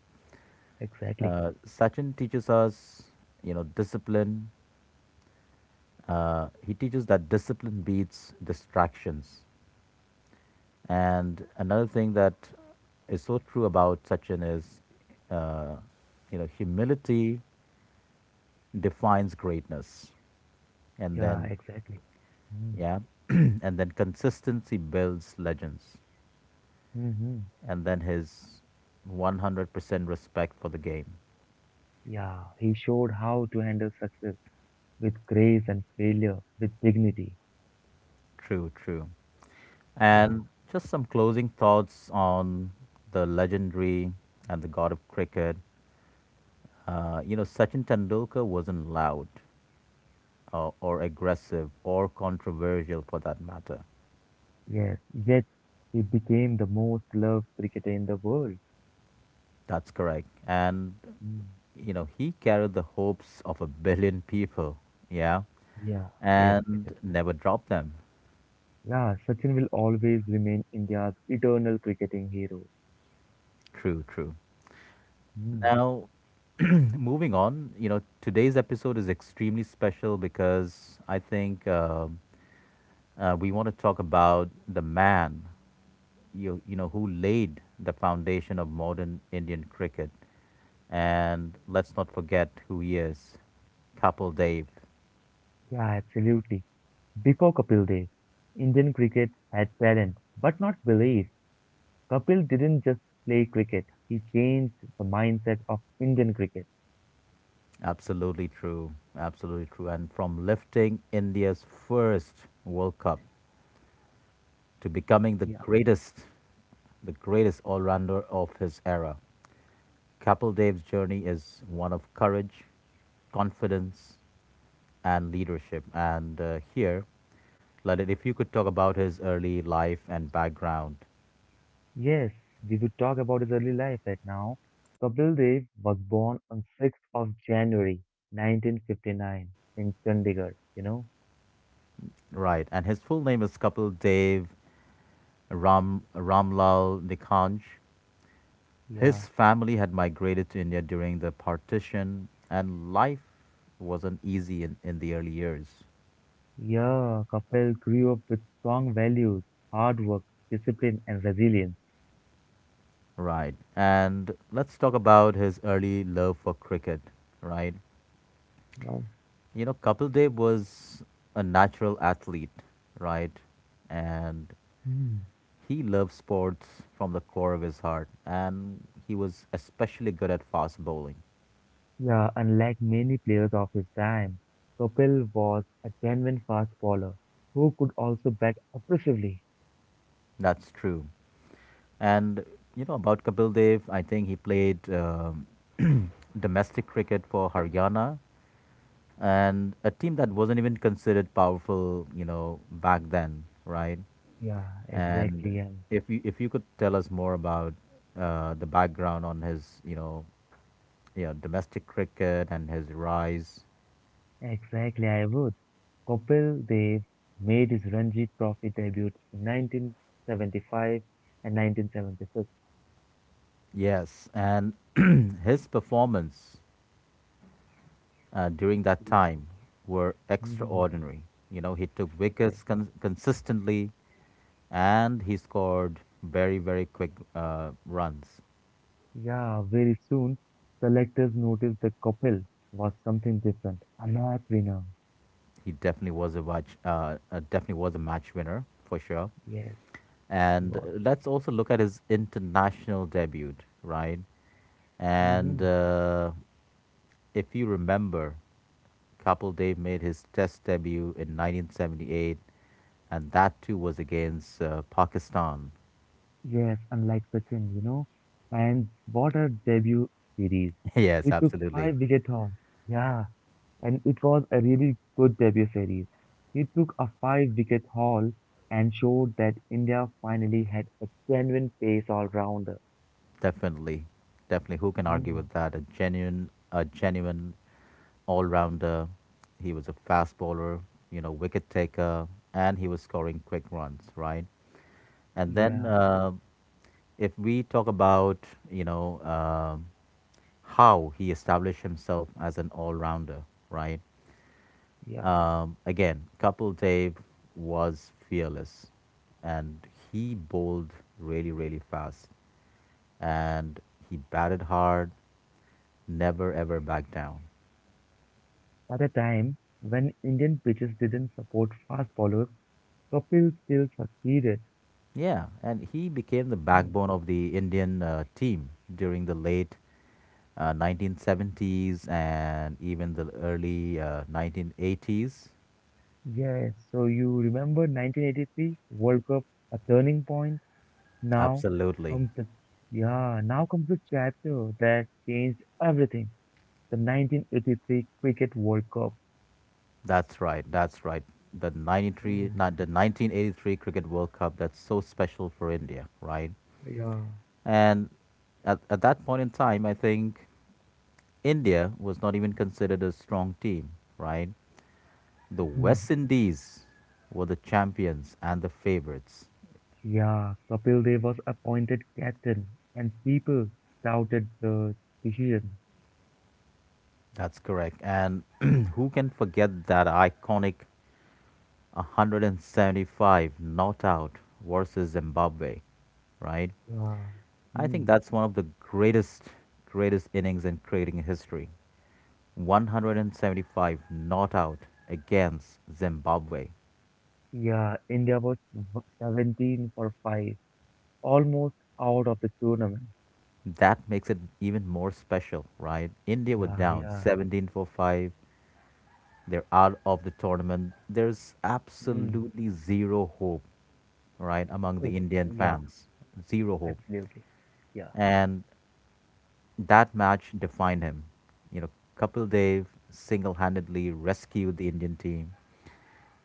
[SPEAKER 2] Exactly.
[SPEAKER 1] Sachin teaches us, you know, discipline. He teaches that discipline beats distractions. And another thing that is so true about Sachin is, uh, you know, humility defines greatness. And
[SPEAKER 2] Yeah.
[SPEAKER 1] then
[SPEAKER 2] Exactly. Mm.
[SPEAKER 1] yeah. [CLEARS THROAT] And then consistency builds legends.
[SPEAKER 2] Mm-hmm.
[SPEAKER 1] And then his 100% respect for the game.
[SPEAKER 2] Yeah. He showed how to handle success with grace and failure with dignity.
[SPEAKER 1] True, true.
[SPEAKER 2] Yeah.
[SPEAKER 1] And just some closing thoughts on the legendary and the god of cricket. You know, Sachin Tendulkar wasn't loud or aggressive or controversial for that matter.
[SPEAKER 2] Yes. Yet he became the most loved cricketer in the world.
[SPEAKER 1] That's correct. And,
[SPEAKER 2] Mm.
[SPEAKER 1] you know, he carried the hopes of a billion people. Yeah.
[SPEAKER 2] Yeah. Yes. Yes.
[SPEAKER 1] And never dropped them.
[SPEAKER 2] Yeah. Sachin will always remain India's eternal cricketing hero.
[SPEAKER 1] True, true.
[SPEAKER 2] Mm.
[SPEAKER 1] Now, [CLEARS THROAT] moving on, you know, today's episode is extremely special because I think we want to talk about the man, you know, who laid the foundation of modern Indian cricket. And let's not forget who he is: Kapil Dave.
[SPEAKER 2] Yeah. Absolutely. Before Kapil Dev, Indian cricket had talent but not belief. Kapil didn't just play cricket, he changed the mindset of Indian cricket.
[SPEAKER 1] Absolutely true. Absolutely true. And from lifting India's first World Cup to becoming the
[SPEAKER 2] Yeah.
[SPEAKER 1] greatest, the greatest all rounder of his era. Couple Dave's journey is one of courage, confidence, and leadership. And here, Lalit, if you could talk about his early life and background.
[SPEAKER 2] Yes, we will talk about his early life right now. Kapil Dev was born on 6th of January 1959 in Chandigarh, you know?
[SPEAKER 1] Right. And his full name is Kapil Dave Ramlal Nikanj.
[SPEAKER 2] Yeah.
[SPEAKER 1] His family had migrated to India during the partition, and life wasn't easy in the early years.
[SPEAKER 2] Yeah, Kapil grew up with strong values, hard work, discipline, and resilience.
[SPEAKER 1] Right. And let's talk about his early love for cricket, right?
[SPEAKER 2] Yeah.
[SPEAKER 1] You know, Kapil Dev was a natural athlete, right? And
[SPEAKER 2] Hmm.
[SPEAKER 1] he loved sports from the core of his heart. And he was especially good at fast bowling.
[SPEAKER 2] Yeah, unlike many players of his time, Kapil was a genuine fast bowler who could also bat aggressively.
[SPEAKER 1] That's true. And, you know, about Kapil Dev, I think he played [CLEARS THROAT] domestic cricket for Haryana and a team that wasn't even considered powerful, you know, back then, right?
[SPEAKER 2] Yeah,
[SPEAKER 1] And
[SPEAKER 2] exactly, and
[SPEAKER 1] if you could tell us more about the background on his, you know, yeah, domestic cricket and his rise.
[SPEAKER 2] exactly I would. Kapil Dev made his Ranji Trophy debut in 1975 and 1976.
[SPEAKER 1] Yes, and [CLEARS THROAT] his performance during that
[SPEAKER 2] Yeah,
[SPEAKER 1] time were
[SPEAKER 2] [LAUGHS] mhm,
[SPEAKER 1] extraordinary. You know, he took
[SPEAKER 2] exactly.
[SPEAKER 1] wickets consistently and he scored very, very quick runs.
[SPEAKER 2] Yeah, very soon selectors noticed that Kapil was something different, a match winner.
[SPEAKER 1] He definitely definitely was a match winner for sure.
[SPEAKER 2] Yes, he
[SPEAKER 1] And
[SPEAKER 2] was.
[SPEAKER 1] Let's also look at his international debut, right? And
[SPEAKER 2] Mm-hmm.
[SPEAKER 1] if you remember, Kapil Dev made his test debut in 1978, and that too was against Pakistan.
[SPEAKER 2] Yes, unlike Sachin, you know. And what a debut series.
[SPEAKER 1] [LAUGHS]
[SPEAKER 2] We
[SPEAKER 1] Yes,
[SPEAKER 2] took
[SPEAKER 1] absolutely.
[SPEAKER 2] five wicket wickethorns. Yeah, and it was a really good debut series. He took a five wicket haul and showed that India finally had a genuine pace all rounder.
[SPEAKER 1] Definitely. Definitely. Who can argue
[SPEAKER 2] Hmm.
[SPEAKER 1] with that? A genuine all rounder. He was a fast bowler, you know, wicket taker, and he was scoring quick runs, right? And then
[SPEAKER 2] Yeah,
[SPEAKER 1] uh, if we talk about, you know, how he established himself as an all rounder, right?
[SPEAKER 2] yeah.
[SPEAKER 1] Again, Kapil Dev was fearless and he bowled really, really fast. And he batted hard, never ever backed down.
[SPEAKER 2] At a time when Indian pitches didn't support fast bowlers, Kapil still succeeded.
[SPEAKER 1] Yeah, and he became the
[SPEAKER 2] Hmm.
[SPEAKER 1] backbone of the Indian team during the late 1970s and even the early 1980s.
[SPEAKER 2] Yes, so you remember 1983 World Cup, a turning point? Now
[SPEAKER 1] Absolutely.
[SPEAKER 2] comes the yeah, now comes the chapter that changed everything. The 1983 Cricket World Cup.
[SPEAKER 1] That's right. That's right. The 93,
[SPEAKER 2] Mm,
[SPEAKER 1] not the 1983 Cricket World Cup that's so special for India, right?
[SPEAKER 2] yeah.
[SPEAKER 1] And at that point in time, I think India was not even considered a strong team, right? The West
[SPEAKER 2] Mhm.
[SPEAKER 1] Indies were the champions and the favorites.
[SPEAKER 2] Yeah, Kapil Dev was appointed captain, and people doubted the decision.
[SPEAKER 1] That's correct. And [CLEARS THROAT] who can forget that iconic 175 not out versus Zimbabwe, right?
[SPEAKER 2] Yeah.
[SPEAKER 1] I think
[SPEAKER 2] Mm,
[SPEAKER 1] that's one of the greatest innings in creating history. 175 not out against Zimbabwe.
[SPEAKER 2] yeah, India was 17 for 5, almost out of the tournament.
[SPEAKER 1] That makes it even more special, right? India were
[SPEAKER 2] Yeah,
[SPEAKER 1] down
[SPEAKER 2] yeah.
[SPEAKER 1] 17-5. They're out of the tournament. There's
[SPEAKER 2] Mm,
[SPEAKER 1] absolutely zero hope, right, among the Indian
[SPEAKER 2] Yeah,
[SPEAKER 1] fans. Zero hope.
[SPEAKER 2] absolutely. Yeah.
[SPEAKER 1] And that match defined him. You know, Kapil Dev single handedly rescued the Indian team.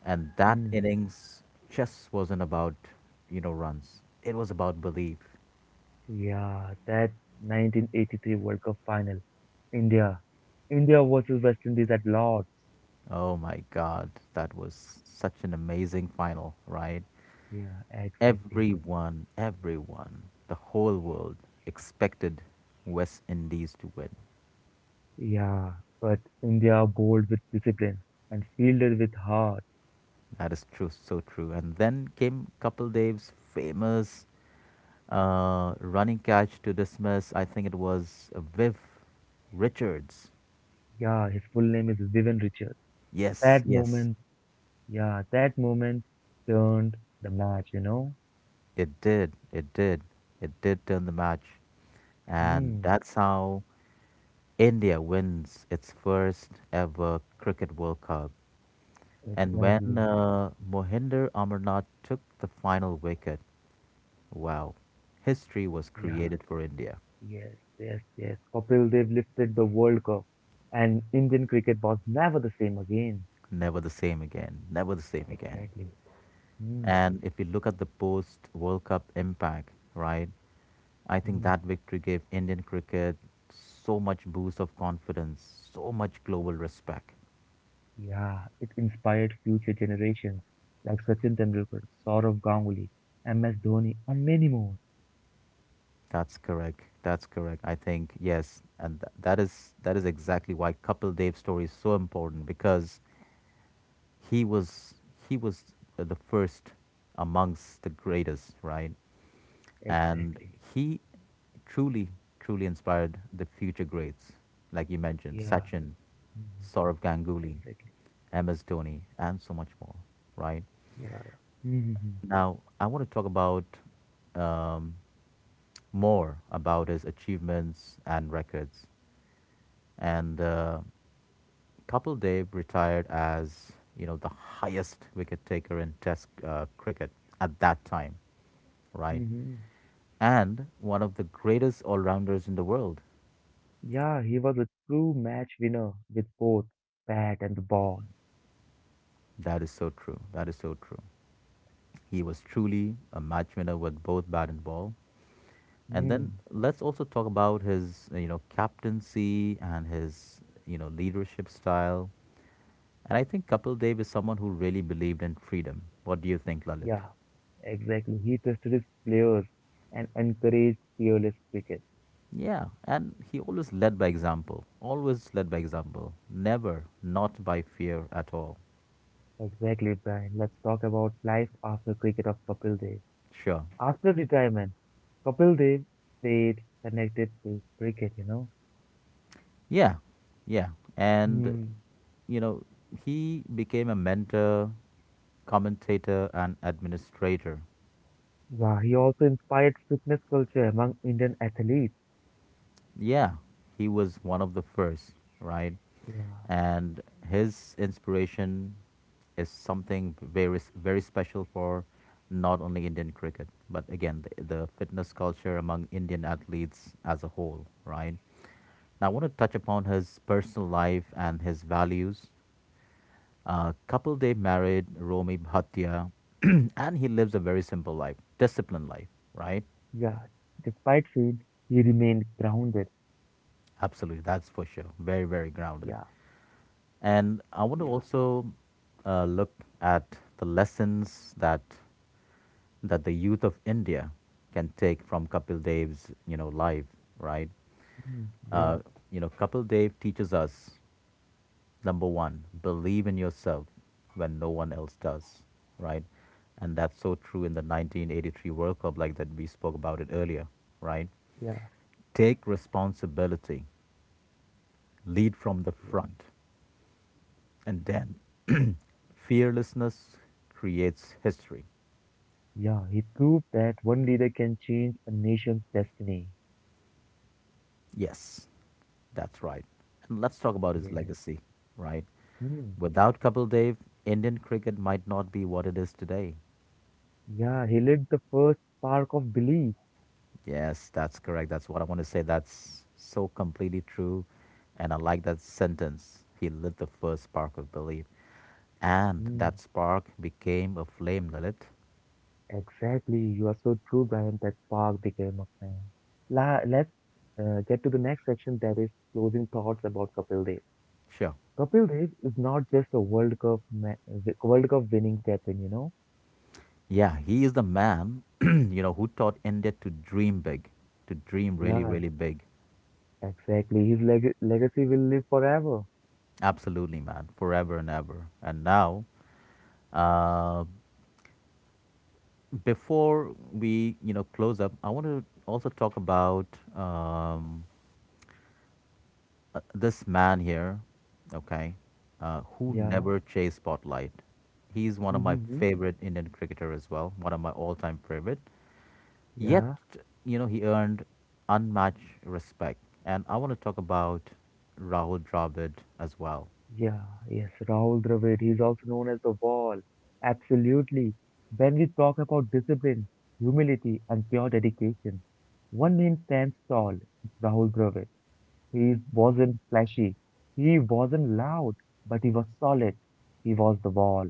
[SPEAKER 1] And that
[SPEAKER 2] Mm.
[SPEAKER 1] innings just wasn't about, you know, runs. It was about belief.
[SPEAKER 2] Yeah, that 1983 World Cup final, India, India versus West Indies at Lord's.
[SPEAKER 1] Oh my God, that was such an amazing final, right?
[SPEAKER 2] Yeah, exactly.
[SPEAKER 1] Everyone, the whole world expected West Indies to win.
[SPEAKER 2] Yeah, but India bowled with discipline and fielded with heart.
[SPEAKER 1] That is true, so true. And then came Kapil Dev's famous running catch to dismiss. I think it was Viv Richards.
[SPEAKER 2] Yeah, his full name is Vivian Richards.
[SPEAKER 1] Yes,
[SPEAKER 2] That
[SPEAKER 1] yes.
[SPEAKER 2] moment, yeah, that moment turned the match, you know?
[SPEAKER 1] It did. It did. It did turn the match. And
[SPEAKER 2] Hmm,
[SPEAKER 1] that's how India wins its first ever Cricket World Cup. And when
[SPEAKER 2] exactly.
[SPEAKER 1] Mohinder Amarnath took the final wicket, wow, history was
[SPEAKER 2] Yeah,
[SPEAKER 1] created for India.
[SPEAKER 2] yes, yes, yes. Kapil Dev lifted the World Cup and Indian cricket was never the same again.
[SPEAKER 1] Never the same again. Never the same again.
[SPEAKER 2] Exactly. Mm,
[SPEAKER 1] And if we look at the post World Cup impact, right, I think
[SPEAKER 2] mm.
[SPEAKER 1] that victory gave Indian cricket so much boost of confidence, so much global respect.
[SPEAKER 2] Yeah, it inspired future generations like Sachin Tendulkar, Saurav Ganguly, MS Dhoni, and many more.
[SPEAKER 1] That's correct. That's correct. I think yes, and that is exactly why Kapil Dev's story is so important because he was he was the first amongst the greatest, right? And
[SPEAKER 2] Exactly.
[SPEAKER 1] he truly, truly inspired the future greats, like you mentioned,
[SPEAKER 2] Yeah.
[SPEAKER 1] Sachin,
[SPEAKER 2] Mm,
[SPEAKER 1] Saurav Ganguly,
[SPEAKER 2] exactly.
[SPEAKER 1] MS Dhoni, and so much more. Right
[SPEAKER 2] Yeah. Yeah. Hmm, hmm, hmm.
[SPEAKER 1] now, I want to talk about um, more about his achievements and records. And Kapil Dev retired as you know the highest wicket taker in Test cricket at that time, right?
[SPEAKER 2] Hmm, hmm, hmm.
[SPEAKER 1] And one of the greatest all rounders in the world.
[SPEAKER 2] Yeah, he was a true match winner with both bat and the ball.
[SPEAKER 1] That is so true. That is so true. He was truly a match winner with both bat and ball. And then
[SPEAKER 2] Mm,
[SPEAKER 1] let's also talk about his, you know, captaincy and his, you know, leadership style. And I think Kapil Dev is someone who really believed in freedom. What do you think, Lalit?
[SPEAKER 2] yeah. Exactly. He trusted his players and encouraged fearless cricket.
[SPEAKER 1] Yeah, and he always led by example. Always led by example. Never not by fear at all.
[SPEAKER 2] Exactly, Brian. Let's talk about life after cricket of Kapil Dev.
[SPEAKER 1] Sure.
[SPEAKER 2] After retirement, Kapil Dev stayed connected to cricket, you know.
[SPEAKER 1] Yeah, yeah. And,
[SPEAKER 2] Hmm.
[SPEAKER 1] you know, he became a mentor, commentator, and administrator.
[SPEAKER 2] Wow, he also inspired fitness culture among Indian athletes.
[SPEAKER 1] Yeah, he was one of the first, right?
[SPEAKER 2] Yeah.
[SPEAKER 1] And his inspiration is something very, very special for not only Indian cricket, but again, the fitness culture among Indian athletes as a whole, right? Now, I want to touch upon his personal life and his values. Couple they married, Romy Bhatia, [CLEARS THROAT] and he lives a very simple life, disciplined life, right?
[SPEAKER 2] Yeah, despite fame, he remained grounded.
[SPEAKER 1] Absolutely, that's for sure. Very, very grounded.
[SPEAKER 2] Yeah,
[SPEAKER 1] And I want to
[SPEAKER 2] yeah,
[SPEAKER 1] also look at the lessons that that the youth of India can take from Kapil Dev's, you know, life, right?
[SPEAKER 2] mm, yeah,
[SPEAKER 1] Uh, you know, Kapil Dev teaches us: number one, believe in yourself when no one else does, right? And that's so true in the 1983 World Cup, like that we spoke about it earlier, right?
[SPEAKER 2] yeah,
[SPEAKER 1] Take responsibility, lead from the
[SPEAKER 2] yeah,
[SPEAKER 1] front, and then fearlessness creates history.
[SPEAKER 2] yeah. He proved that one leader can change a nation's destiny.
[SPEAKER 1] Yes, that's right. And let's talk about his
[SPEAKER 2] Yes.
[SPEAKER 1] legacy, right?
[SPEAKER 2] Mm,
[SPEAKER 1] Without Kapil Dev, Indian cricket might not be what it is today.
[SPEAKER 2] yeah, he lit the first spark of belief.
[SPEAKER 1] Yes, that's correct. That's what I want to say. That's so completely true. And I like that sentence. He lit the first spark of belief. And that
[SPEAKER 2] Mm.
[SPEAKER 1] spark became a flame, Lilith.
[SPEAKER 2] Exactly. You are so true, Brian, that spark became a flame. La let's get to the next section that is closing thoughts about Kapil Dev.
[SPEAKER 1] Sure.
[SPEAKER 2] Kapil Dev is not just a World Cup World Cup winning captain, you know?
[SPEAKER 1] Yeah, he is the man, [CLEARS THROAT] you know, who taught India to dream big, to dream really,
[SPEAKER 2] Yeah,
[SPEAKER 1] really big.
[SPEAKER 2] exactly. His legacy will live forever.
[SPEAKER 1] Absolutely, man. Forever and ever. And now, uh, before we, you know, close up, I want to also talk about um, this man here, okay, who
[SPEAKER 2] Yeah.
[SPEAKER 1] never chased spotlight. He's one of
[SPEAKER 2] Mm-hmm.
[SPEAKER 1] my
[SPEAKER 2] Hmm.
[SPEAKER 1] favorite Indian cricketer as well, one of my all-time favorite. Yet,
[SPEAKER 2] Yeah.
[SPEAKER 1] you know, he earned unmatched respect. And I want to talk about Rahul Dravid as well.
[SPEAKER 2] Yeah, yes, Rahul Dravid. He's also known as the Wall. Absolutely. When we talk about discipline, humility, and pure dedication, one name stands tall, Rahul Dravid. He wasn't flashy, he wasn't loud, but he was solid. He was the Wall.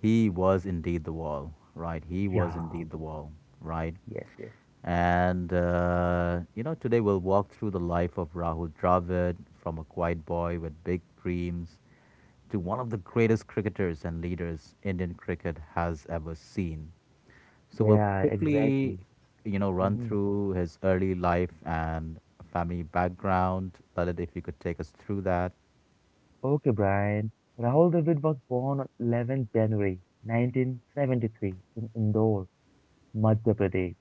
[SPEAKER 1] He was indeed the wall, right? He was
[SPEAKER 2] Yeah,
[SPEAKER 1] indeed the wall, right?
[SPEAKER 2] yes, yes.
[SPEAKER 1] And, you know, today we'll walk through the life of Rahul Dravid from a quiet boy with big dreams to one of the greatest cricketers and leaders Indian cricket has ever seen. So we'll
[SPEAKER 2] Yeah,
[SPEAKER 1] quickly,
[SPEAKER 2] exactly.
[SPEAKER 1] you know, run
[SPEAKER 2] Hmm.
[SPEAKER 1] through his early life and family background. Lalit, if you could take us through that.
[SPEAKER 2] Okay, Brian. Rahul Dravid was born on 11th January 1973 in Indore, Madhya Pradesh.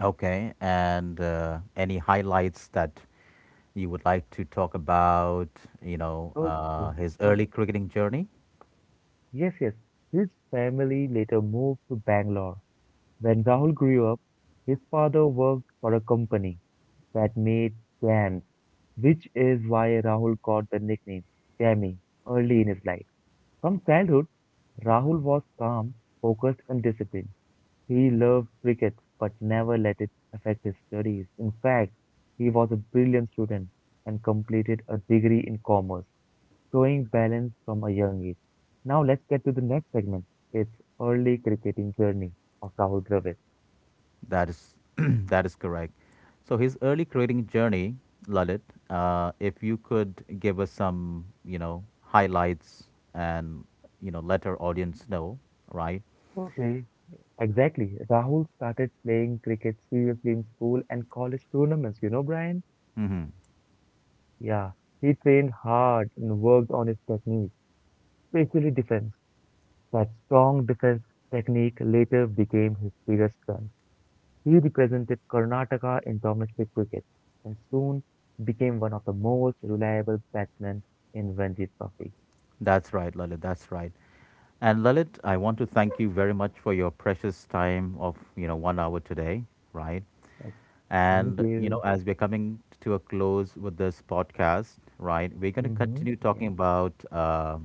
[SPEAKER 1] Okay, and any highlights that you would like to talk about, you know,
[SPEAKER 2] Okay.
[SPEAKER 1] his early
[SPEAKER 2] Okay.
[SPEAKER 1] cricketing journey?
[SPEAKER 2] Yes, yes. His family later moved to Bangalore. When Rahul grew up, his father worked for a company that made jams, which is why Rahul got the nickname Jammy early in his life. From childhood, Rahul was calm, focused, and disciplined. He loved cricket but never let it affect his studies. In fact, he was a brilliant student and completed a degree in commerce showing balance from a young age. Now let's get to the next segment. It's early cricketing journey of Rahul Dravid.
[SPEAKER 1] That is [CLEARS THROAT] that is correct. So his early creating journey, Lalit, if you could give us some, you know, highlights and you know, let our audience know, right?
[SPEAKER 2] Okay, exactly. Rahul started playing cricket seriously in school and college tournaments, you know, Brian?
[SPEAKER 1] Hmm.
[SPEAKER 2] Yeah, he trained hard and worked on his technique, especially defense. That strong defense technique later became his biggest strength. He represented Karnataka in domestic cricket and soon became one of the most reliable batsmen in Ranji Trophy.
[SPEAKER 1] That's right, Lalit. That's right. And Lalit, I want to thank you very much for your precious time of you know 1 hour today, right?
[SPEAKER 2] Like, thank
[SPEAKER 1] And you know,
[SPEAKER 2] you.
[SPEAKER 1] as we're coming to a close with this podcast, right, we're going to
[SPEAKER 2] Mm-hmm.
[SPEAKER 1] continue
[SPEAKER 2] Yeah,
[SPEAKER 1] talking about.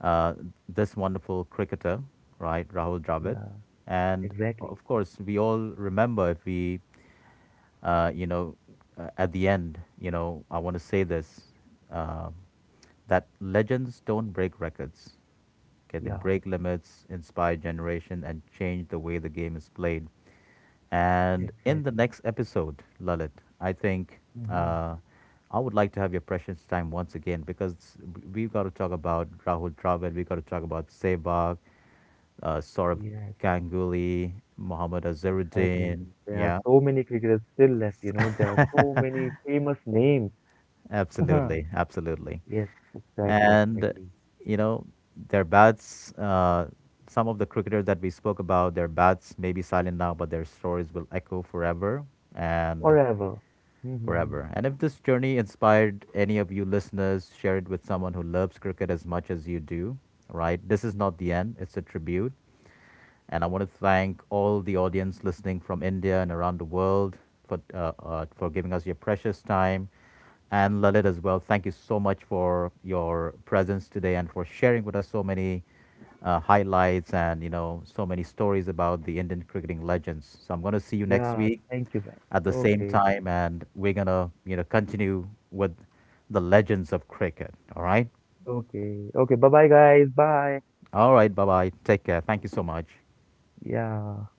[SPEAKER 1] uh, this wonderful cricketer, right, Rahul Dravid.
[SPEAKER 2] yeah,
[SPEAKER 1] And
[SPEAKER 2] exactly.
[SPEAKER 1] of course, we all remember if we, you know, at the end, you know, I want to say this um that legends don't break records. Okay, they
[SPEAKER 2] Yeah,
[SPEAKER 1] break limits, inspire generation, and change the way the game is played. And in the
[SPEAKER 2] exactly.
[SPEAKER 1] next episode, Lalit, I think
[SPEAKER 2] Mm-hmm.
[SPEAKER 1] uh, I would like to have your precious time once again because we've got to talk about Rahul Dravid, we've got to talk about Sehwag, Saurabh
[SPEAKER 2] Yes,
[SPEAKER 1] Ganguly, Mohammad
[SPEAKER 2] exactly.
[SPEAKER 1] Azharuddin.
[SPEAKER 2] There are
[SPEAKER 1] Yeah,
[SPEAKER 2] so many cricketers still left, you know. There are so many famous names. [LAUGHS]
[SPEAKER 1] absolutely, absolutely.
[SPEAKER 2] Yes, exactly,
[SPEAKER 1] And,
[SPEAKER 2] exactly.
[SPEAKER 1] you know, their bats, some of the cricketers that we spoke about, their bats may be silent now, but their stories will echo forever. And
[SPEAKER 2] Forever. Mm-hmm.
[SPEAKER 1] forever. And if this journey inspired any of you listeners, share it with someone who loves cricket as much as you do, right? This is not the end, it's a tribute. And I want to thank all the audience listening from India and around the world for giving us your precious time. And Lalit as well, thank you so much for your presence today and for sharing with us so many highlights and you know so many stories about the Indian cricketing legends. So I'm going to see you next
[SPEAKER 2] Yeah,
[SPEAKER 1] week
[SPEAKER 2] thank you, man.
[SPEAKER 1] at the same
[SPEAKER 2] Okay,
[SPEAKER 1] time, and we're going to you know continue with the legends of cricket.
[SPEAKER 2] okay, okay. Bye bye, guys. Bye.
[SPEAKER 1] All right, bye bye. Take care. Thank you so much.
[SPEAKER 2] Yeah.